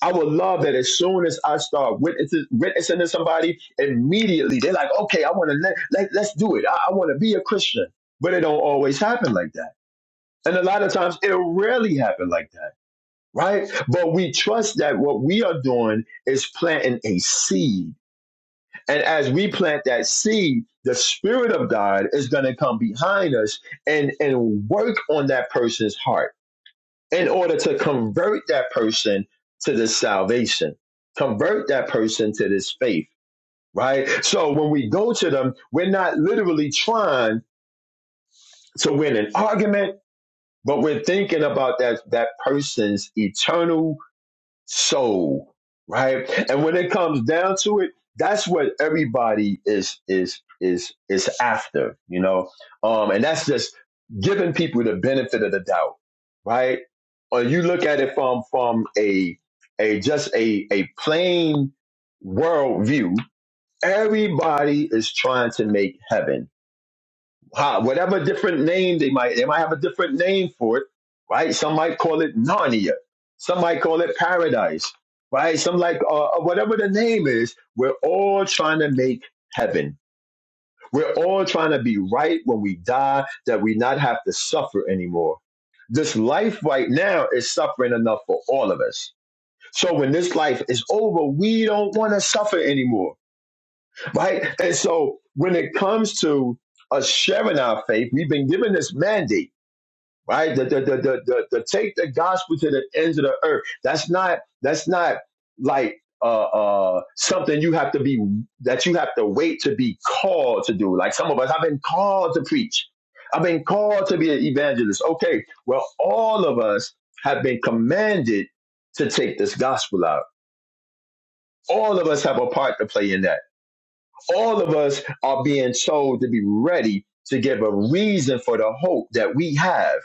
S2: I would love that as soon as I start witnessing, witnessing to somebody, immediately they're like, okay, I want to let, let let's do it. I, I want to be a Christian. But it don't always happen like that. And a lot of times it rarely happen like that, right? But we trust that what we are doing is planting a seed. And as we plant that seed, the spirit of God is going to come behind us and, and work on that person's heart in order to convert that person to this salvation, convert that person to this faith, right? So when we go to them, we're not literally trying to win an argument, but we're thinking about that, that person's eternal soul, right? And when it comes down to it, that's what everybody is is is is after, you know. Um, and that's just giving people the benefit of the doubt, right? Or you look at it from from a a just a a plain worldview. Everybody is trying to make heaven ha, whatever different name they might, they might have a different name for it, right? Some might call it Narnia. Some might call it paradise, right? Some like uh, uh, whatever the name is. We're all trying to make heaven. We're all trying to be right when we die that we not have to suffer anymore. This life right now is suffering enough for all of us. So when this life is over, we don't want to suffer anymore right? And so when it comes to us sharing our faith, we've been given this mandate, right? The the the the to, to take the gospel to the ends of the earth. That's not that's not like uh, uh, something you have to be that you have to wait to be called to do. Like some of us, I've been called to preach. I've been called to be an evangelist. Okay, well, all of us have been commanded to take this gospel out. All of us have a part to play in that all of us are being told to be ready to give a reason for the hope that we have.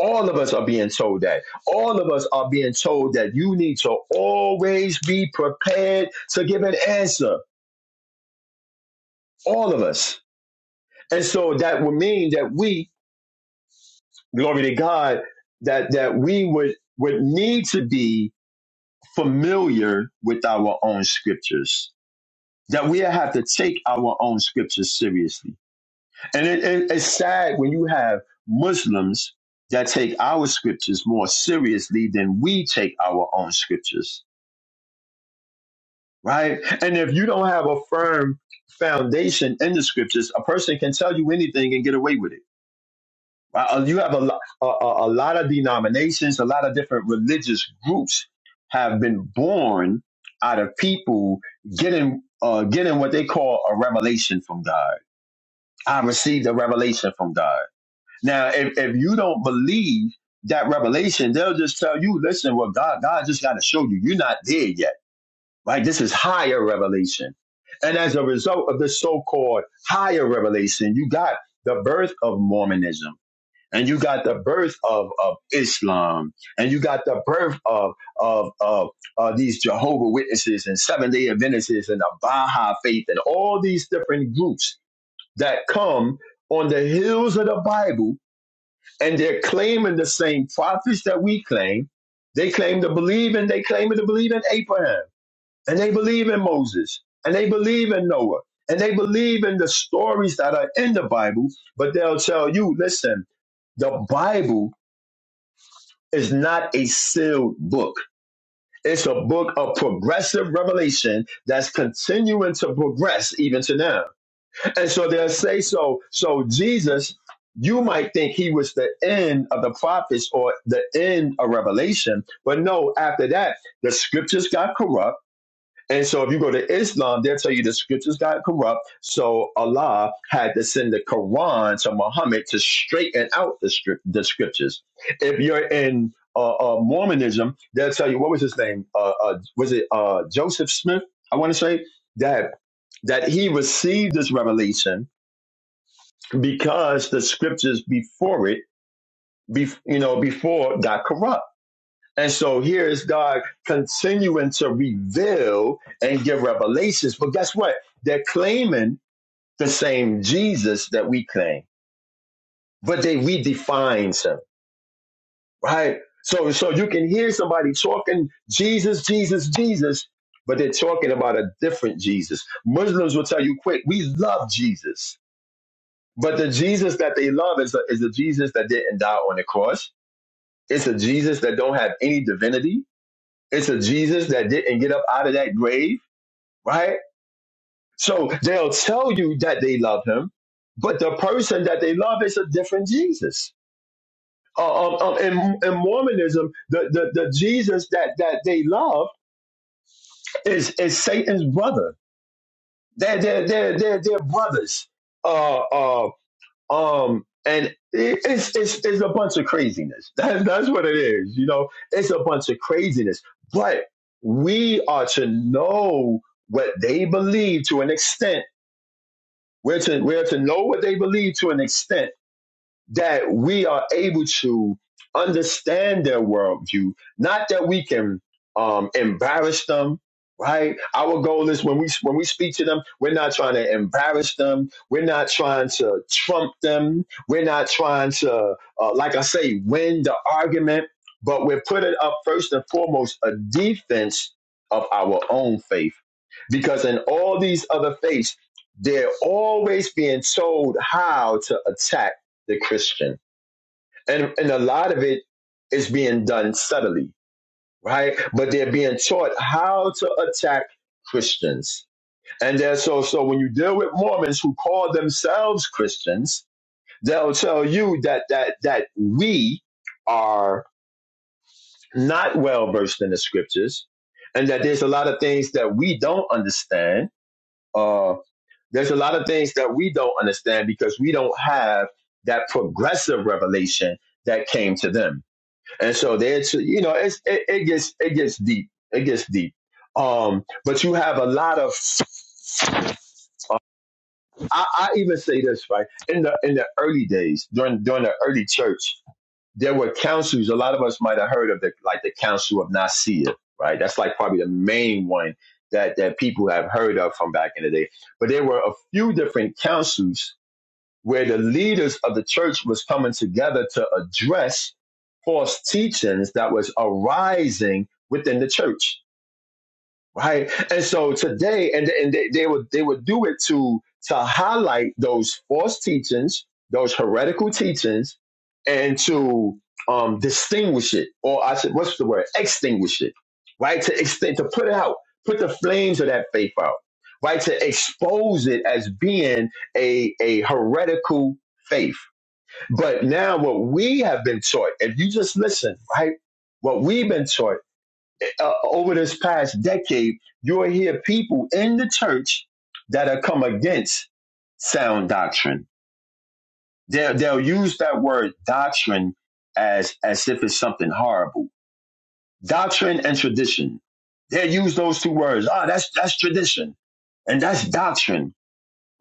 S2: All of us are being told that. All of us are being told that you need to always be prepared to give an answer. All of us. And so that would mean that we, glory to God, that that we would would need to be familiar with our own scriptures. That we have to take our own scriptures seriously And it, it, it's sad when you have Muslims that take our scriptures more seriously than we take our own scriptures, right? And if you don't have a firm foundation in the scriptures, a person can tell you anything and get away with it. right? Uh, You have a, lo- a, a a lot of denominations, a lot of different religious groups have been born out of people getting uh, getting what they call a revelation from God. I received a revelation from God. Now, if, if you don't believe that revelation, they'll just tell you, listen, well, God, God just got to show you. You're not there yet, right? This is higher revelation. And as a result of this so-called higher revelation, you got the birth of Mormonism and you got the birth of, of Islam and you got the birth of, of, of uh, these Jehovah Witnesses and Seventh-day Adventists and the Baha'i Faith and all these different groups that come on the heels of the Bible and they're claiming the same prophets that we claim. They claim to believe and they claim to believe in Abraham and they believe in Moses and they believe in Noah and they believe in the stories that are in the Bible, but they'll tell you, listen, the Bible is not a sealed book. It's a book of progressive revelation that's continuing to progress even to now. And so they'll say so. So Jesus, you might think he was the end of the prophets or the end of Revelation, but no, after that, the scriptures got corrupt. And so if you go to Islam, they'll tell you the scriptures got corrupt. So Allah had to send the Quran to Muhammad to straighten out the, script, the scriptures. If you're in uh, uh, Mormonism, they'll tell you, what was his name? Uh, uh, was it uh, Joseph Smith? I want to say that that he received this revelation because the scriptures before it, be, you know, before got corrupt. And so here is God continuing to reveal and give revelations. But guess what? They're claiming the same Jesus that we claim, but they redefine him, right? So, so you can hear somebody talking Jesus, Jesus, Jesus, but they're talking about a different Jesus. Muslims will tell you quick, we love Jesus. But the Jesus that they love is the, is the Jesus that didn't die on the cross. It's a Jesus that don't have any divinity. It's a Jesus that didn't get up out of that grave, right? So they'll tell you that they love him, but the person that they love is a different Jesus. Uh, um, um, in, in Mormonism, the, the, the Jesus that, that they love is, is Satan's brother. They're, they're, they're, they're, they're brothers. Uh, uh, Um, and it's it's it's a bunch of craziness. That's that's what it is. You know, it's a bunch of craziness. But we are to know what they believe to an extent. We're to we're to know what they believe to an extent that we are able to understand their worldview. Not that we can um, embarrass them, right? Our goal is when we when we speak to them, we're not trying to embarrass them. We're not trying to trump them. We're not trying to, uh, like I say, win the argument. But we're putting up first and foremost a defense of our own faith, because in all these other faiths, they're always being told how to attack the Christian. And and a lot of it is being done subtly, right? But they're being taught how to attack Christians. And they're so so when you deal with Mormons who call themselves Christians, they'll tell you that that that we are not well versed in the scriptures and that there's a lot of things that we don't understand. Uh there's a lot of things that we don't understand because we don't have that progressive revelation that came to them And so there's, you know, it's, it, it gets it gets deep. It gets deep. Um, but you have a lot of. I, I even say this right in the in the early days during during the early church, there were councils. A lot of us might have heard of the like the Council of Nicaea, right? That's like probably the main one that that people have heard of from back in the day. But there were a few different councils where the leaders of the church was coming together to address false teachings that was arising within the church right? And so today, and and they, they would they would do it to to highlight those false teachings, those heretical teachings, and to um distinguish it, or I should what's the word? Extinguish it, right? To extend to put it out, put the flames of that faith out, right? To expose it as being a a heretical faith. But now what we have been taught, if you just listen, right? What we've been taught uh, over this past decade, you'll hear people in the church that have come against sound doctrine. They'll, they'll use that word doctrine as, as if it's something horrible. Doctrine and tradition. They'll use those two words. Ah, that's, that's tradition and that's doctrine,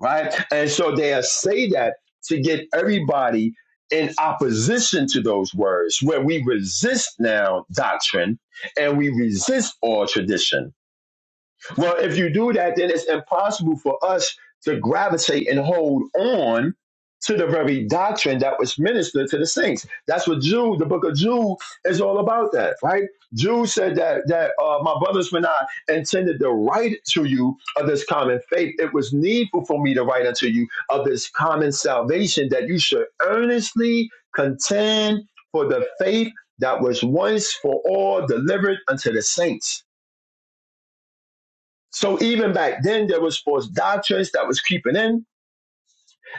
S2: right? And so they'll say that to get everybody in opposition to those words, where we resist now doctrine and we resist all tradition. Well, if you do that, then it's impossible for us to gravitate and hold on to the very doctrine that was ministered to the saints. That's what Jude, the book of Jude, is all about. That right? Jude said that that uh, my brothers, when I intended to write to you of this common faith, it was needful for me to write unto you of this common salvation that you should earnestly contend for the faith that was once for all delivered unto the saints. So even back then, there was false doctrines that was creeping in.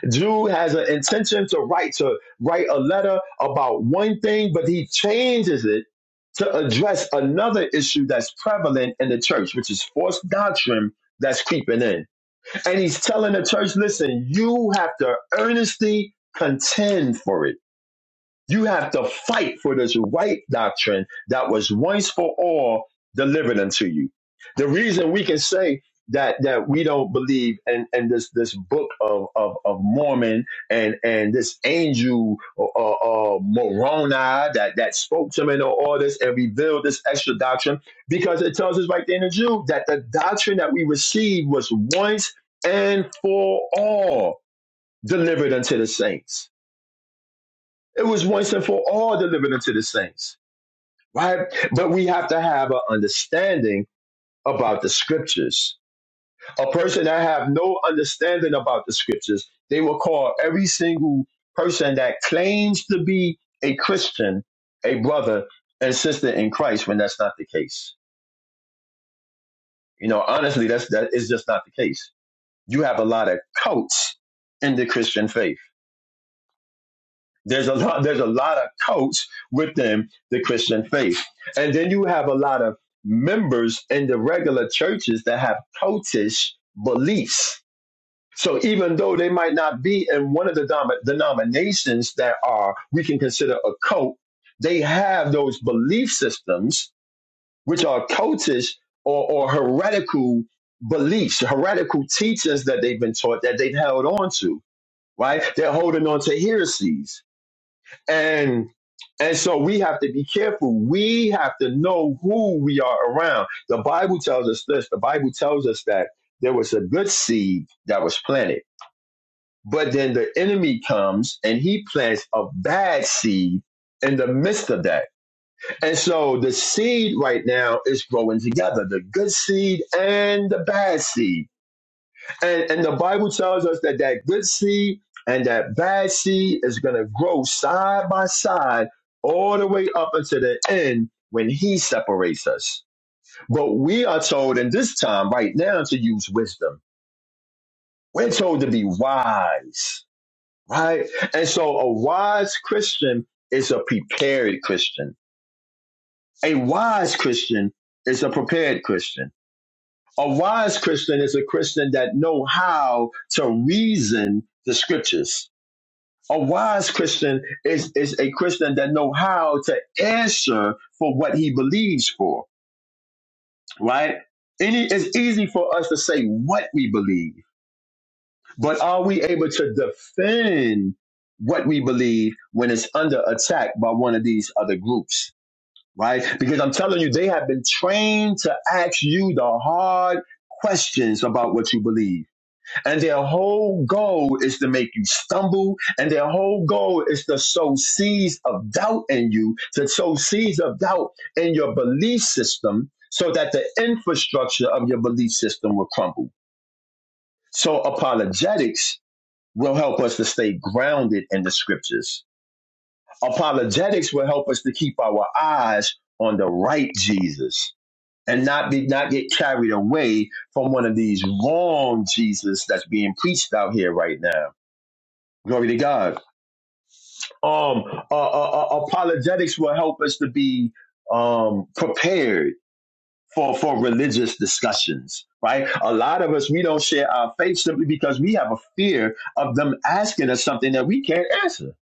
S2: Jude has an intention to write to write a letter about one thing, but he changes it to address another issue that's prevalent in the church, which is false doctrine that's creeping in. And he's telling the church, listen, you have to earnestly contend for it you have to fight for this right doctrine that was once for all delivered unto you. The reason we can say that that we don't believe in, in this this book of, of, of Mormon and and this angel uh, uh, uh, Moroni that that spoke to me and all this and revealed this extra doctrine because it tells us right there in the Jude that the doctrine that we received was once and for all delivered unto the saints. It was once and for all delivered unto the saints, right? But we have to have an understanding about the scriptures. A person that have no understanding about the scriptures, they will call every single person that claims to be a Christian a brother and sister in Christ when that's not the case. You know, honestly, that's that is just not the case. You have a lot of cults in the Christian faith There's a lot, there's a lot of coats within the Christian faith. And then you have a lot of members in the regular churches that have cultish beliefs. So even though they might not be in one of the dom- denominations that are we can consider a cult, they have those belief systems which are cultish or, or heretical beliefs, heretical teachings that they've been taught that they've held on to, right? They're holding on to heresies and and so we have to be careful. We have to know who we are around. The Bible tells us this. The Bible tells us that there was a good seed that was planted, but then the enemy comes and he plants a bad seed in the midst of that. And so the seed right now is growing together, the good seed and the bad seed. And, and the Bible tells us that that good seed and that bad seed is going to grow side by side all the way up until the end when he separates us. But we are told in this time right now to use wisdom. We're told to be wise, right? And so a wise Christian is a prepared Christian. A wise Christian is a prepared Christian. A wise Christian is a Christian that know how to reason the scriptures A wise Christian is, is a Christian that know how to answer for what he believes for, right? Any, it's easy for us to say what we believe, but are we able to defend what we believe when it's under attack by one of these other groups, right? Because I'm telling you, they have been trained to ask you the hard questions about what you believe and their whole goal is to make you stumble. And their whole goal is to sow seeds of doubt in you, to sow seeds of doubt in your belief system so that the infrastructure of your belief system will crumble. So apologetics will help us to stay grounded in the scriptures. Apologetics will help us to keep our eyes on the right Jesus and not be not get carried away from one of these wrong Jesus that's being preached out here right now Glory to God. Um, uh, uh, uh, apologetics will help us to be um, prepared for, for religious discussions, right? A lot of us, we don't share our faith simply because we have a fear of them asking us something that we can't answer.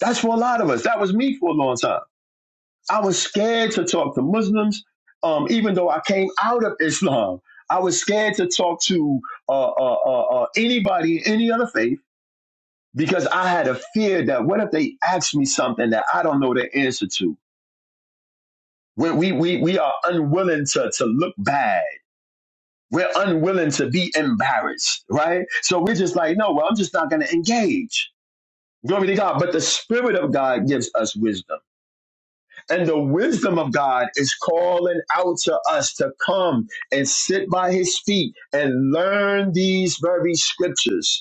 S2: That's for a lot of us. That was me for a long time. I was scared to talk to Muslims, um, even though I came out of Islam. I was scared to talk to uh, uh, uh, uh, anybody, any other faith because I had a fear that what if they ask me something that I don't know the answer to? When we, we, we are unwilling to, to look bad. We're unwilling to be embarrassed, right? So we're just like, no, well, I'm just not going to engage. Glory to God. But the Spirit of God gives us wisdom. And the wisdom of God is calling out to us to come and sit by His feet and learn these very scriptures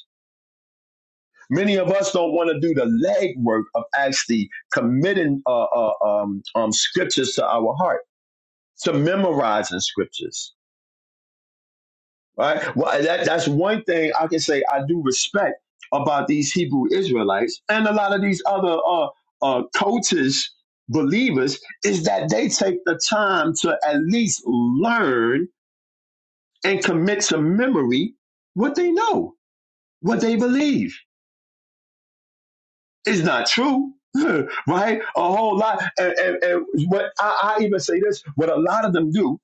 S2: Many of us don't want to do the legwork of actually committing uh, uh, um, um, scriptures to our heart, to memorizing scriptures. Right? Well, that, that's one thing I can say I do respect about these Hebrew Israelites and a lot of these other uh, uh, coaches, believers, is that they take the time to at least learn and commit to memory what they know, what they believe. It's not true, right? A whole lot. And, and, and what I, I even say this: what a lot of them do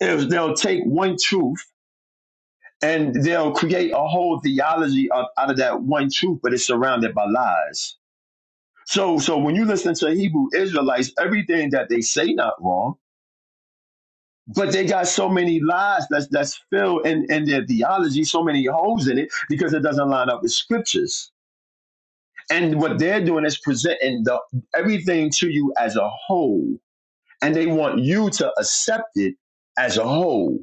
S2: is they'll take one truth and they'll create a whole theology of, out of that one truth, but it's surrounded by lies. So, so when you listen to Hebrew Israelites, everything that they say not wrong, but they got so many lies that's that's filled in in their theology, so many holes in it because it doesn't line up with scriptures. And what they're doing is presenting the, everything to you as a whole and they want you to accept it as a whole,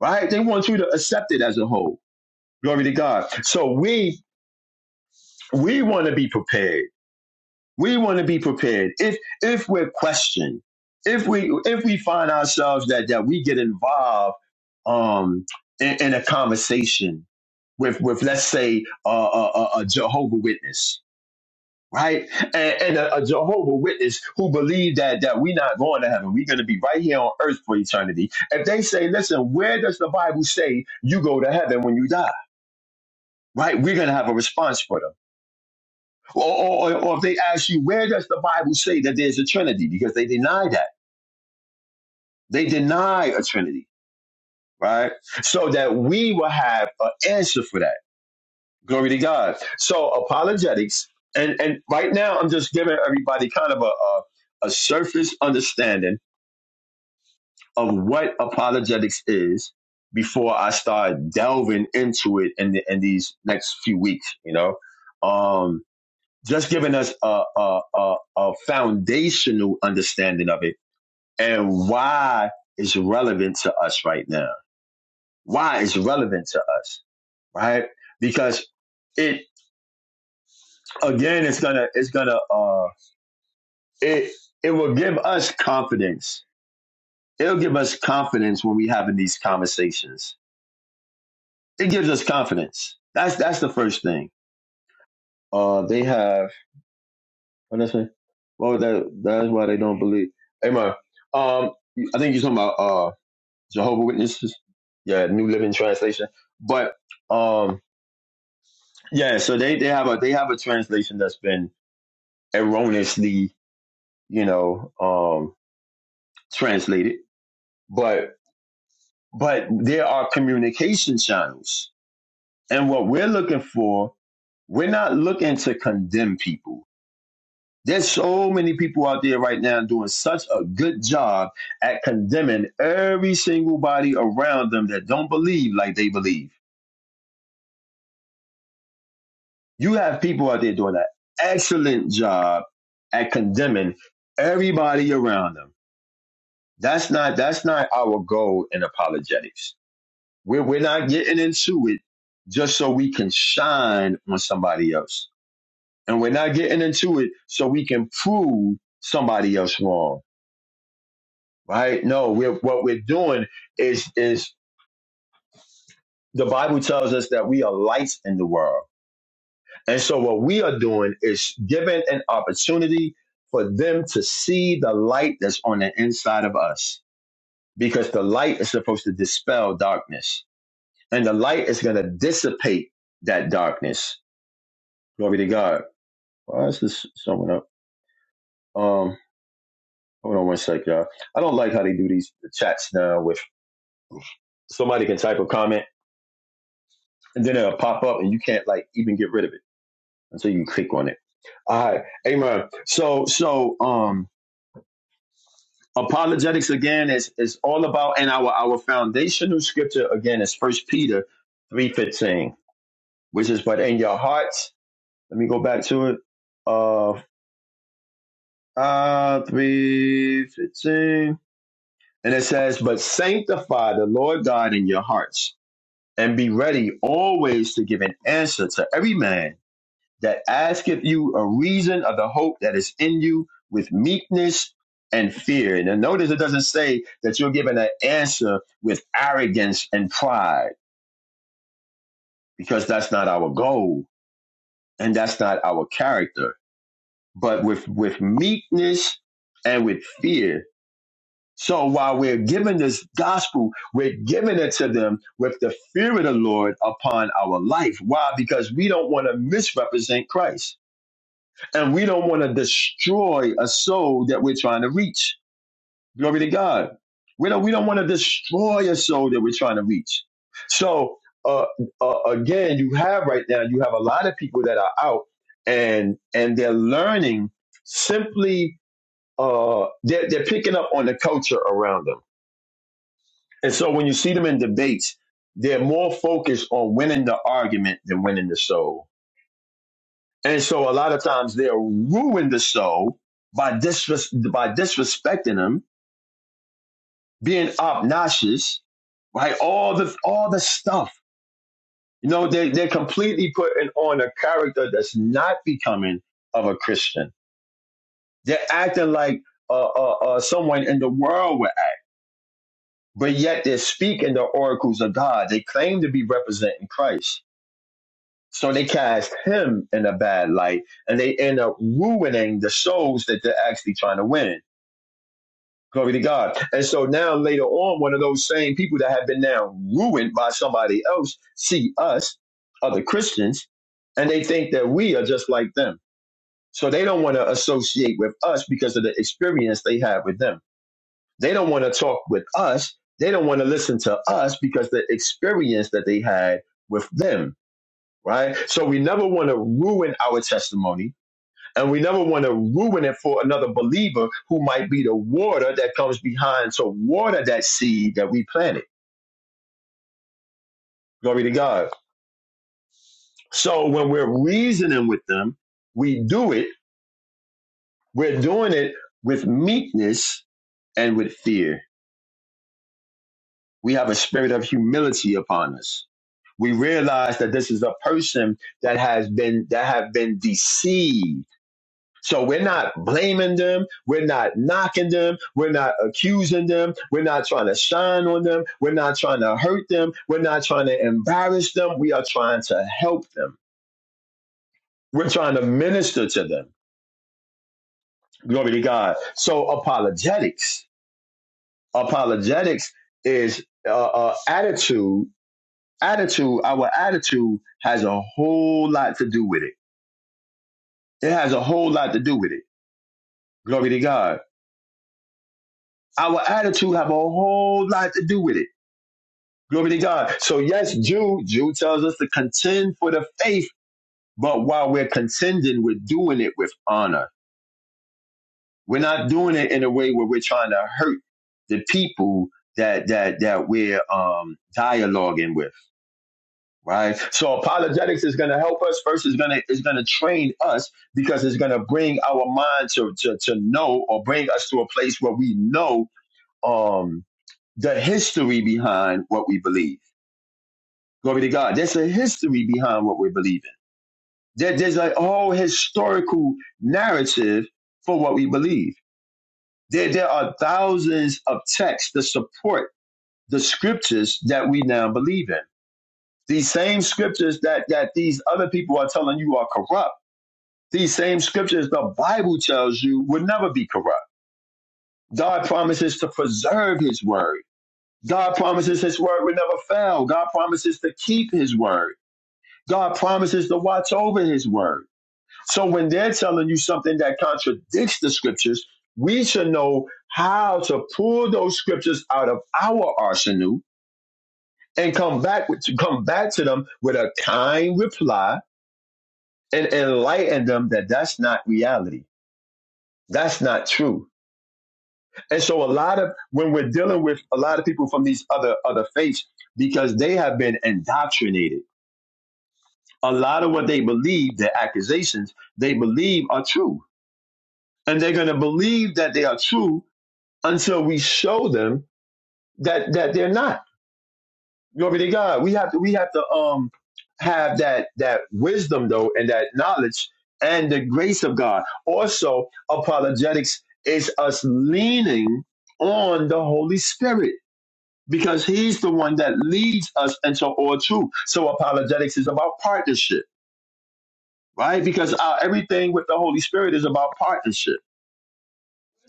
S2: right? They want you to accept it as a whole. Glory to God. So we we want to be prepared. We want to be prepared. If if we're questioned, if we if we find ourselves that that we get involved um in, in a conversation with with let's say uh, a, a, a Jehovah Witness, right? And, and a, a Jehovah Witness who believe that that we're not going to heaven, we're going to be right here on earth for eternity. If they say, "Listen, where does the Bible say you go to heaven when you die?" Right? We're going to have a response for them. Or, or, or if they ask you, "Where does the Bible say that there's a Trinity?" Because they deny that. They deny a Trinity, right? So that we will have an answer for that. Glory to God. So apologetics. And, and right now, I'm just giving everybody kind of a, a, a surface understanding of what apologetics is before I start delving into it in the, in these next few weeks. You know, um, just giving us a, a a a foundational understanding of it and why it's relevant to us right now. Why it's relevant to us, right? Because it again, it's gonna it's gonna uh it it will give us confidence. It'll give us confidence when we having these conversations It gives us confidence. That's that's the first thing. Uh, they have. What that's Well, that that's why they don't believe. Amen. Um, I think you're talking about uh Jehovah Witnesses. Yeah, New Living Translation. But um, yeah. So they they have a they have a translation that's been erroneously, you know, um, translated. But but there are communication channels, and what we're looking for, we're not looking to condemn people There's so many people out there right now doing such a good job at condemning every single body around them that don't believe like they believe. You have people out there doing an excellent job at condemning everybody around them. That's not that's not our goal in apologetics. We're we're not getting into it just so we can shine on somebody else. And we're not getting into it so we can prove somebody else wrong right? No, we're what we're doing is is the Bible tells us that we are lights in the world, and so what we are doing is giving an opportunity for them to see the light that's on the inside of us, because the light is supposed to dispel darkness, and the light is going to dissipate that darkness. Glory to God. Why is this someone up? Um, hold on one sec, y'all. I don't like how they do these chats now. With somebody can type a comment and then it'll pop up, and you can't like even get rid of it. And so you can click on it. All right. Amen. So so um apologetics again is is all about and our our foundational scripture again is first Peter three fifteen, which is but in your hearts, let me go back to it. Uh uh three fifteen. And it says, But sanctify the Lord God in your hearts, and be ready always to give an answer to every man that asketh you a reason of the hope that is in you with meekness and fear. And then notice it doesn't say that you're given an answer with arrogance and pride, because that's not our goal and that's not our character, but with, with meekness and with fear. So while we're given this gospel, we're giving it to them with the fear of the Lord upon our life. Why? Because we don't want to misrepresent Christ And we don't want to destroy a soul that we're trying to reach. Glory to God. We don't, we don't want to destroy a soul that we're trying to reach. So, uh, uh, again, you have right now, you have a lot of people that are out and, and they're learning simply, uh, they're, they're picking up on the culture around them. And so when you see them in debates, they're more focused on winning the argument than winning the soul And so a lot of times they'll ruin the soul by disres- by disrespecting them, being obnoxious, right? All the all the stuff. You know, they they're completely putting on a character that's not becoming of a Christian. They're acting like uh, uh, uh, someone in the world would act, but yet they're speaking the oracles of God. They claim to be representing Christ. So they cast him in a bad light and they end up ruining the souls that they're actually trying to win. Glory to God. And so now later on, one of those same people that have been now ruined by somebody else see us, other Christians, and they think that we are just like them. So they don't want to associate with us because of the experience they have with them. They don't want to talk with us. They don't want to listen to us because the experience that they had with them, right? So we never want to ruin our testimony and we never want to ruin it for another believer who might be the water that comes behind to water that seed that we planted. Glory to God. So when we're reasoning with them, we do it. We're doing it with meekness and with fear. We have a spirit of humility upon us. We realize that this is a person that has been that have been deceived So we're not blaming them. We're not knocking them. We're not accusing them. We're not trying to shine on them. We're not trying to hurt them. We're not trying to embarrass them. We are trying to help them. We're trying to minister to them. Glory to God. So apologetics, apologetics is uh, uh, attitude. Attitude, our attitude has a whole lot to do with it. It has a whole lot to do with it. Glory to God. Our attitude have a whole lot to do with it Glory to God. So yes, Jude, Jude tells us to contend for the faith, but while we're contending, we're doing it with honor. We're not doing it in a way where we're trying to hurt the people that that that we're um dialoguing with, right? So apologetics is gonna help us. First, it's gonna it's gonna train us because it's gonna bring our mind to to to know or bring us to a place where we know um the history behind what we believe. Glory to God. There's a history behind what we believe There, there's like a whole historical narrative for what we believe. There, there are thousands of texts to support the scriptures that we now believe in. These same scriptures that, that these other people are telling you are corrupt. These same scriptures the Bible tells you will never be corrupt. God promises to preserve his word. God promises his word will never fail. God promises to keep his word. God promises to watch over his word. So when they're telling you something that contradicts the scriptures, we should know how to pull those scriptures out of our arsenal and come back with, come back to them with a kind reply and enlighten them that that's not reality. That's not true. And so a lot of when we're dealing with a lot of people from these other other faiths because they have been indoctrinated. A lot of what they believe, their accusations, they believe are true. And they're going to believe that they are true until we show them that that they're not. Glory to God. We have to we have to um have that that wisdom though and that knowledge and the grace of God. Also, apologetics is us leaning on the Holy Spirit because He's the one that leads us into all truth. So apologetics is about partnership, right? Because our, everything with the Holy Spirit is about partnership.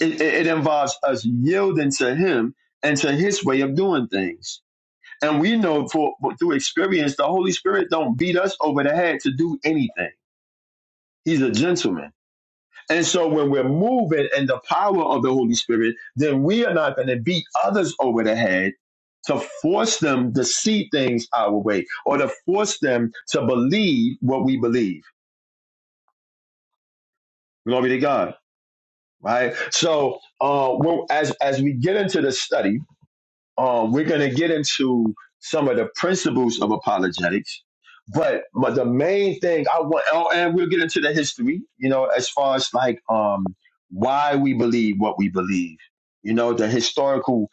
S2: It, it, it involves us yielding to Him and to His way of doing things And we know for through experience, the Holy Spirit don't beat us over the head to do anything. He's a gentleman. And so when we're moving in the power of the Holy Spirit, then we are not going to beat others over the head to force them to see things our way or to force them to believe what we believe. Glory to God. Right. So uh, well, as as we get into the study, um, we're going to get into some of the principles of apologetics. But, but the main thing I want, oh, and we'll get into the history, you know, as far as like um, why we believe what we believe, you know, the historical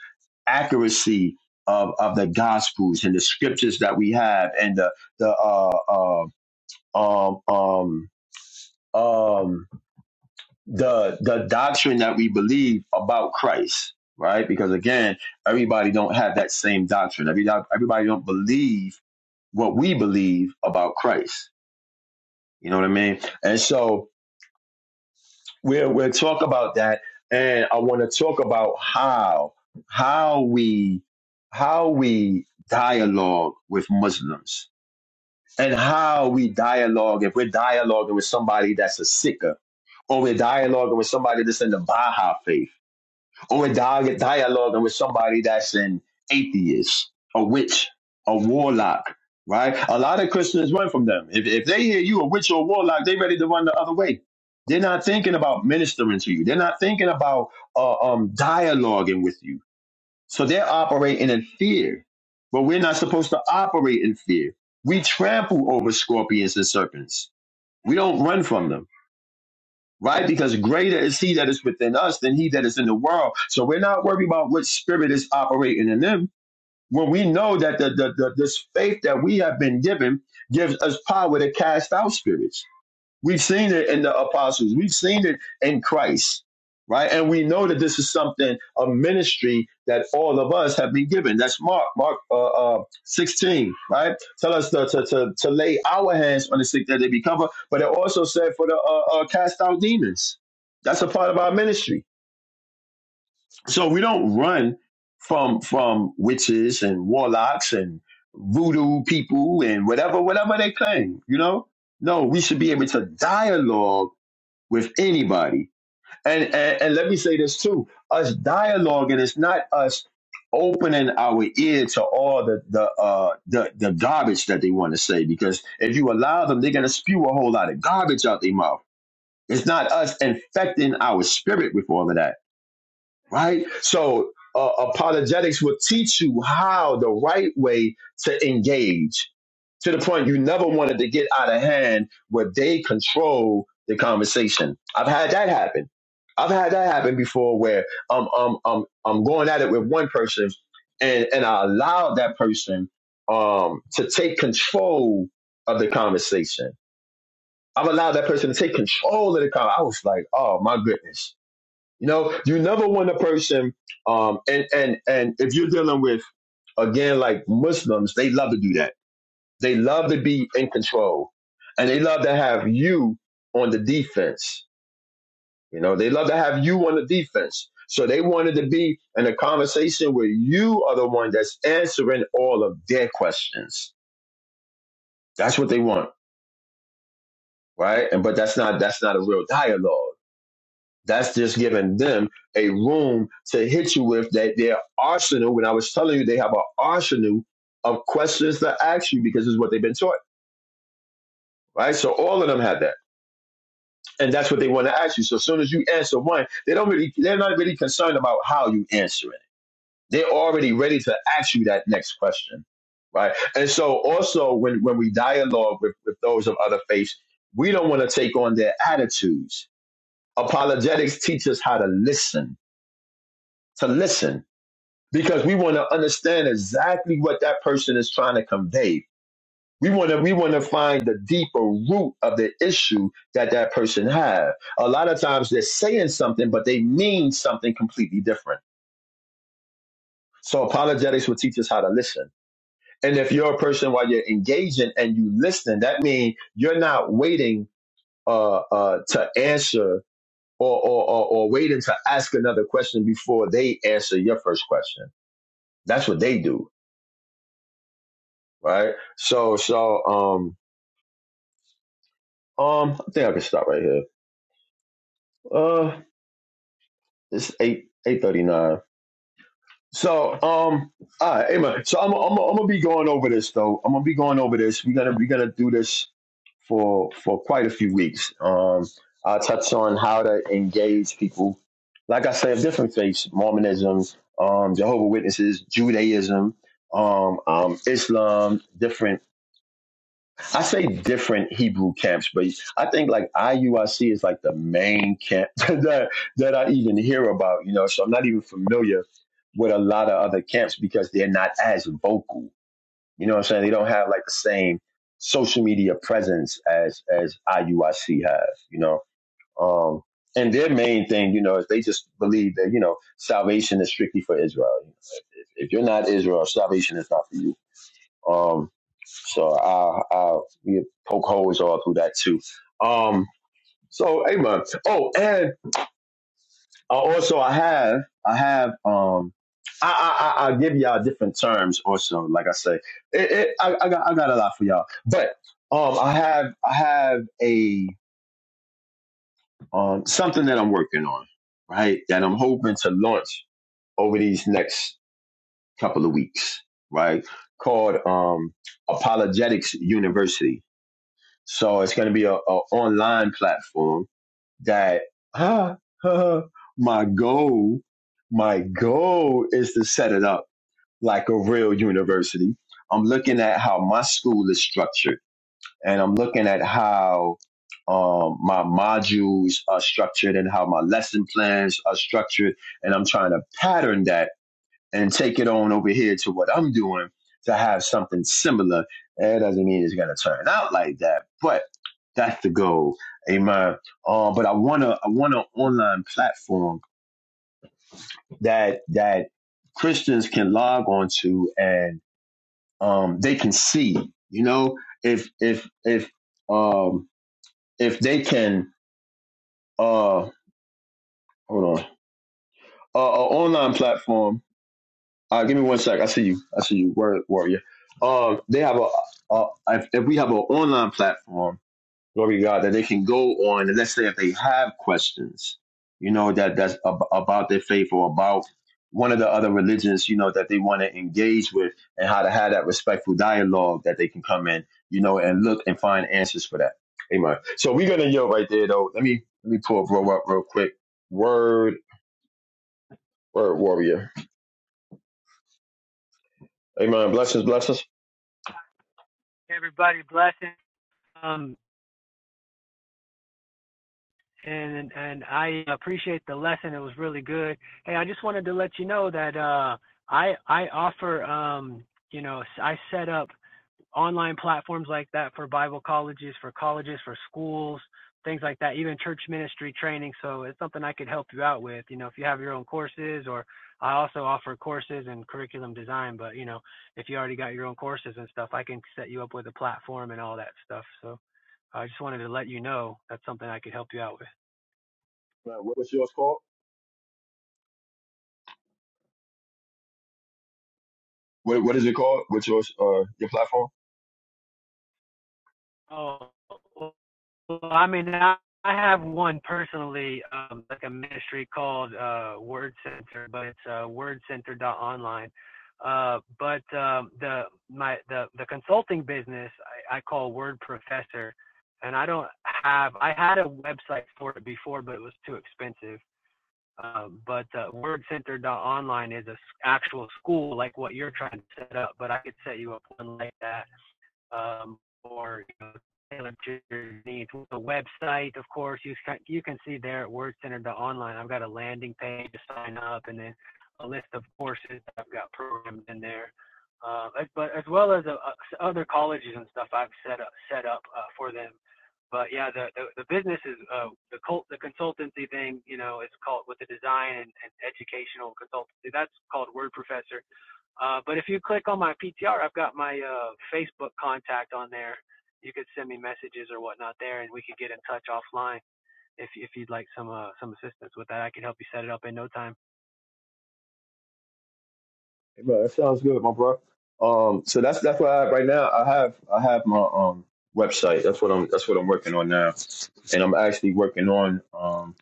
S2: accuracy of, of the gospels and the scriptures that we have and the, the uh, uh, um, um, um, the the doctrine that we believe about Christ, right? Because again, everybody don't have that same doctrine. Every everybody don't believe what we believe about Christ. You know what I mean? And so we'll we'll talk about that, and I want to talk about how how we how we dialogue with Muslims and how we dialogue if we're dialoguing with somebody that's a sicker or we're dialoguing with somebody that's in the Baha'i faith or a dialogue, dialoguing with somebody that's an atheist, a witch, a warlock, right? A lot of Christians run from them. If, if they hear you a witch or a warlock, they ready to run the other way. They're not thinking about ministering to you. They're not thinking about uh, um, dialoguing with you. So they're operating in fear. But we're not supposed to operate in fear. We trample over scorpions and serpents. We don't run from them right? Because greater is he that is within us than he that is in the world. So we're not worried about what spirit is operating in them. When we know that the, the, the this faith that we have been given gives us power to cast out spirits We've seen it in the apostles. We've seen it in Christ, right? And we know that this is something, a ministry that all of us have been given. That's Mark, Mark uh, uh, 16, right? Tell us to, to, to, to lay our hands on the sick that they be covered. But it also said for the uh, uh, cast out demons. That's a part of our ministry. So we don't run from from witches and warlocks and voodoo people and whatever, whatever they claim, you know? No, we should be able to dialogue with anybody. And, and and let me say this too: us dialoguing is not us opening our ear to all the the uh the, the garbage that they want to say. Because if you allow them, they're gonna spew a whole lot of garbage out their mouth. It's not us infecting our spirit with all of that right? So uh, apologetics will teach you how the right way to engage to the point you never wanted to get out of hand where they control the conversation. I've had that happen. I've had that happen before where um um um I'm going at it with one person and and I allowed that person um to take control of the conversation. I've allowed that person to take control of the conversation. I was like, oh my goodness you know, you never want a person, um, and and and if you're dealing with again like Muslims, they love to do that. They love to be in control, and they love to have you on the defense. You know, they love to have you on the defense. So they wanted to be in a conversation where you are the one that's answering all of their questions. That's what they want, right? And but that's not that's not a real dialogue. That's just giving them a room to hit you with that their arsenal. When I was telling you, they have an arsenal of questions to ask you because it's what they've been taught, right? So all of them have that, and that's what they want to ask you. So as soon as you answer one, they don't really, they're not really concerned about how you answer it. They're already ready to ask you that next question, right? And so also when when we dialogue with, with those of other faiths, we don't want to take on their attitudes. Apologetics teaches how to listen, to listen because we want to understand exactly what that person is trying to convey. We want to we want to find the deeper root of the issue that that person have. A lot of times they're saying something, but they mean something completely different. So apologetics will teach us how to listen. And if you're a person while you're engaging and you listen, that means you're not waiting uh, uh, to answer or, or, or, or waiting to ask another question before they answer your first question. That's what they do right? So so um um I think I can stop right here. Uh, it's eight eight thirty nine. So um all right, amen. So I'm I'm I'm gonna be going over this though. I'm gonna be going over this. We're gonna we're gonna do this for for quite a few weeks. Um, I touch on how to engage people. Like I said, of different faiths: Mormonism, um, Jehovah Witnesses, Judaism, um, um, Islam, different I say different Hebrew camps, but I think like IUIC is like the main camp that that I even hear about, you know. So I'm not even familiar with a lot of other camps because they're not as vocal. You know what I'm saying? They don't have like the same social media presence as as IUIC has, you know. Um and their main thing, you know, is they just believe that, you know, salvation is strictly for Israel. If, if you're not Israel, salvation is not for you. Um, so i i you poke holes all through that too. Um, so hey man. Oh, and uh, also I have I have um I I I- I'll give y'all different terms also. Like I say, it, it, I I got I got a lot for y'all, but um I have I have a um something that I'm working on right that I'm hoping to launch over these next couple of weeks right called um Apologetics University So it's going to be a, a online platform that ah, my goal, my goal is to set it up like a real university. I'm looking at how my school is structured and I'm looking at how um, my modules are structured and how my lesson plans are structured. And I'm trying to pattern that and take it on over here to what I'm doing to have something similar. That doesn't mean it's gonna turn out like that, but that's the goal. Amen. Uh, but I want to I want an online platform that that Christians can log onto and um they can see. You know, if if if um if they can uh hold on uh, an online platform Uh, give me one sec. I see you. I see you, Word Warrior. Um, they have a, a if, if we have an online platform, glory to God, that they can go on, and let's say if they have questions, you know, that that's ab- about their faith or about one of the other religions, you know, that they want to engage with, and how to have that respectful dialogue that they can come in, you know, and look and find answers for that. Amen. So we're gonna yell right there, though. Let me let me pull bro up real quick. Word, word warrior. Amen. Blessings, blessings.
S4: everybody blessing. Um, and and I appreciate the lesson. It was really good. Hey, I just wanted to let you know that uh, I I offer um, you know I set up online platforms like that for Bible colleges, for colleges, for schools, things like that, even church ministry training. So it's something I could help you out with. You know, if you have your own courses, or I also offer courses and curriculum design. But you know, if you already got your own courses and stuff, I can set you up with a platform and all that stuff. So. I just wanted to let you know that's something I could help you out with.
S2: Man, what was yours called? What what is it called? What's your uh your platform?
S4: Oh, well, well, I mean, I, I have one personally, um, like a ministry called uh, Word Center, but it's uh, wordcenter.online. Uh, but um, the my the the consulting business I, I call Word Professor, and I don't have I had a website for it before, but it was too expensive. Um, but uh, word center dot Online is a s- actual school like what you're trying to set up, but I could set you up one like that um, or you know, tailored to your needs. The website, of course, you can, you can see there at Word Center. dot online, I've got a landing page to sign up, and then a list of courses that I've got programmed in there. Uh, but as well as uh, uh, other colleges and stuff I've set up set up uh, for them. But yeah, the the, the business is uh, the cult the consultancy thing. You know, it's called with the design and, and educational consultancy. That's called Word Professor. Uh, but if you click on my PTR, I've got my uh, Facebook contact on there. You could send me messages or whatnot there, and we could get in touch offline if if you'd like some uh, some assistance with that. I could help you set it up in no time.
S2: Hey, bro, that sounds good, my bro. Um, so that's that's what I have right now. I have I have my um website. That's what I'm that's what I'm working on now, and I'm actually working on um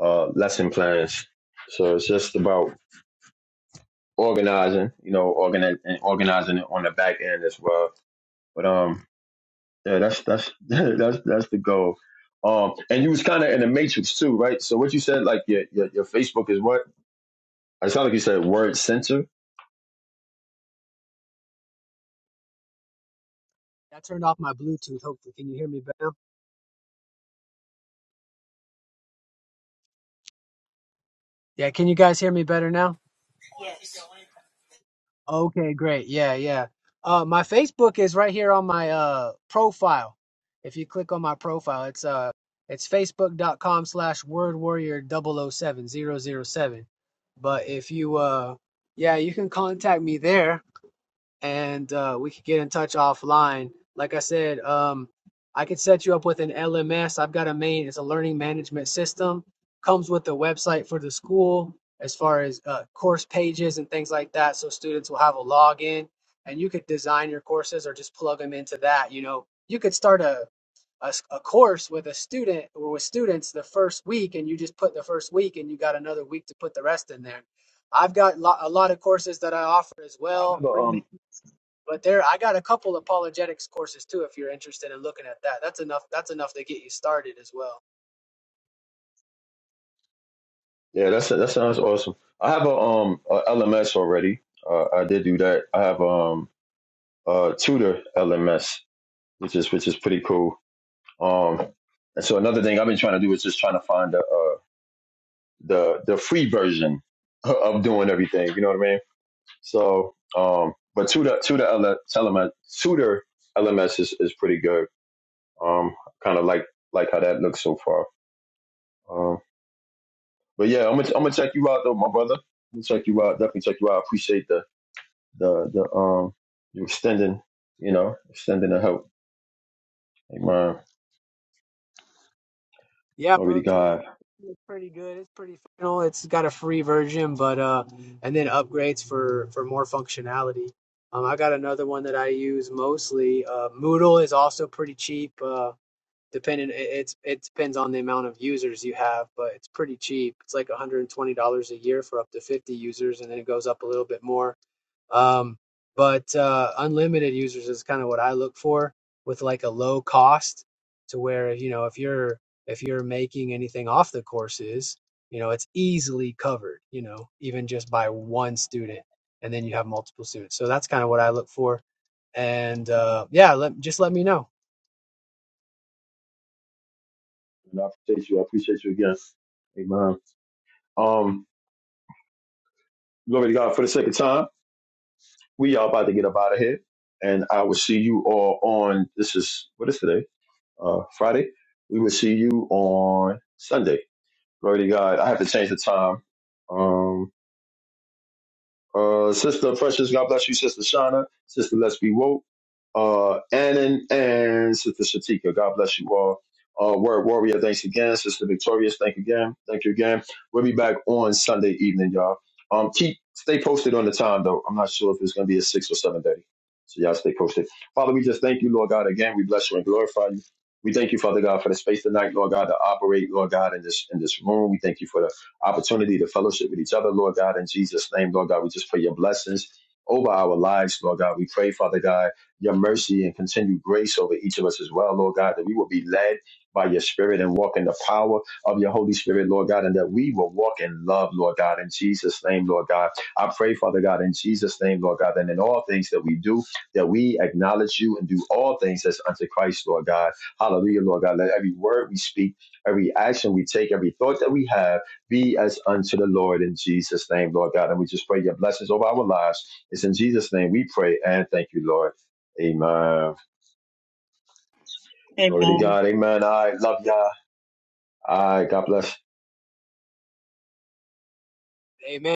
S2: uh lesson plans. So it's just about organizing, you know, organi- and organizing it on the back end as well. But um, yeah, that's that's that's that's the goal. Um, and you was kind of in the matrix too, right? So what you said, like your your, your Facebook is what? I sound like you said word center.
S4: I turned off my Bluetooth. Hopefully, can you hear me better? Yeah, can you guys hear me better now? Okay, great. Yeah, yeah. Uh, my Facebook is right here on my uh profile. If you click on my profile, it's uh it's facebook.com slash word warrior double o seven zero zero seven. But if you uh yeah, you can contact me there and uh, we could get in touch offline. Like I said, um, I could set you up with an LMS. I've got a main, it's a learning management system, comes with a website for the school as far as uh, course pages and things like that. So students will have a login and you could design your courses or just plug them into that. You know, you could start a a a course with a student or with students the first week and you just put the first week and you got another week to put the rest in there. I've got lo- a lot of courses that I offer as
S2: I
S4: well,
S2: have a
S4: free
S2: um.
S4: but there, I got a couple apologetics courses too. If you're interested in looking at that, that's enough. That's enough to get you started as well.
S2: Yeah, that's that sounds awesome. I have a um a LMS already. Uh, I did do that. I have um a tutor LMS, which is which is pretty cool. Um, and so another thing I've been trying to do is just trying to find the uh, the the free version of doing everything. You know what I mean? So um, but tutor tutor LMS tutor LMS is, is pretty good. Um, kind of like like how that looks so far. Um, but yeah, I'm gonna I'm gonna check you out though, my brother. I'm gonna check you out. Definitely check you out. I appreciate the the the um you extending, you know, extending the help. Amen.
S4: Yeah,
S2: Glory to
S4: bro, Tutor
S2: God.
S4: is pretty good. It's pretty functional. It's got a free version, but uh, and then upgrades for for more functionality. Um, I got another one that I use mostly. Uh, Moodle is also pretty cheap. Uh, depending, it, it's it depends on the amount of users you have, but it's pretty cheap. It's like $120 a year for up to 50 users, and then it goes up a little bit more Um, but uh, unlimited users is kind of what I look for with like a low cost to where you know if you're if you're making anything off the courses, you know it's easily covered. You know even just by one student, and then you have multiple students. So that's kind of what I look for. And uh, yeah, let, just let me know.
S2: And I appreciate you. I appreciate you again. Amen. Um, glory to God for the sake of time. We are about to get up out of here. And I will see you all on this is what is today? Uh Friday. We will see you on Sunday. Glory to God. I have to change the time. um. uh, Sister Precious, God bless you, Sister Shauna, Sister Let's Be Woke, uh, Annan, and Sister Shatika. God bless you all. Uh, Word Warrior, thanks again. Sister Victorious, thank you again. Thank you again. We'll be back on Sunday evening, y'all. Um, keep stay posted on the time though. I'm not sure if it's gonna be at six or seven thirty. So y'all stay posted. Father, we just thank you, Lord God, again. We bless you and glorify you. We thank you, Father God, for the space tonight, Lord God, to operate, Lord God, in this in this room. We thank you for the opportunity to fellowship with each other, Lord God, in Jesus' name, Lord God. We just pray your blessings over our lives, Lord God. We pray, Father God, your mercy and continued grace over each of us as well, Lord God, that we will be led by your spirit and walk in the power of your Holy Spirit, Lord God, and that we will walk in love, Lord God, in Jesus' name, Lord God. I pray, Father God, in Jesus' name, Lord God, and in all things that we do, that we acknowledge you and do all things as unto Christ, Lord God. Hallelujah, Lord God. Let every word we speak, every action we take, every thought that we have, be as unto the Lord in Jesus' name, Lord God. And we just pray your blessings over our lives. It's in Jesus' name we pray and thank you, Lord. Amen. Glory to
S1: Amen.
S2: God. Amen. I love y'all. All right. God bless.
S4: Amen.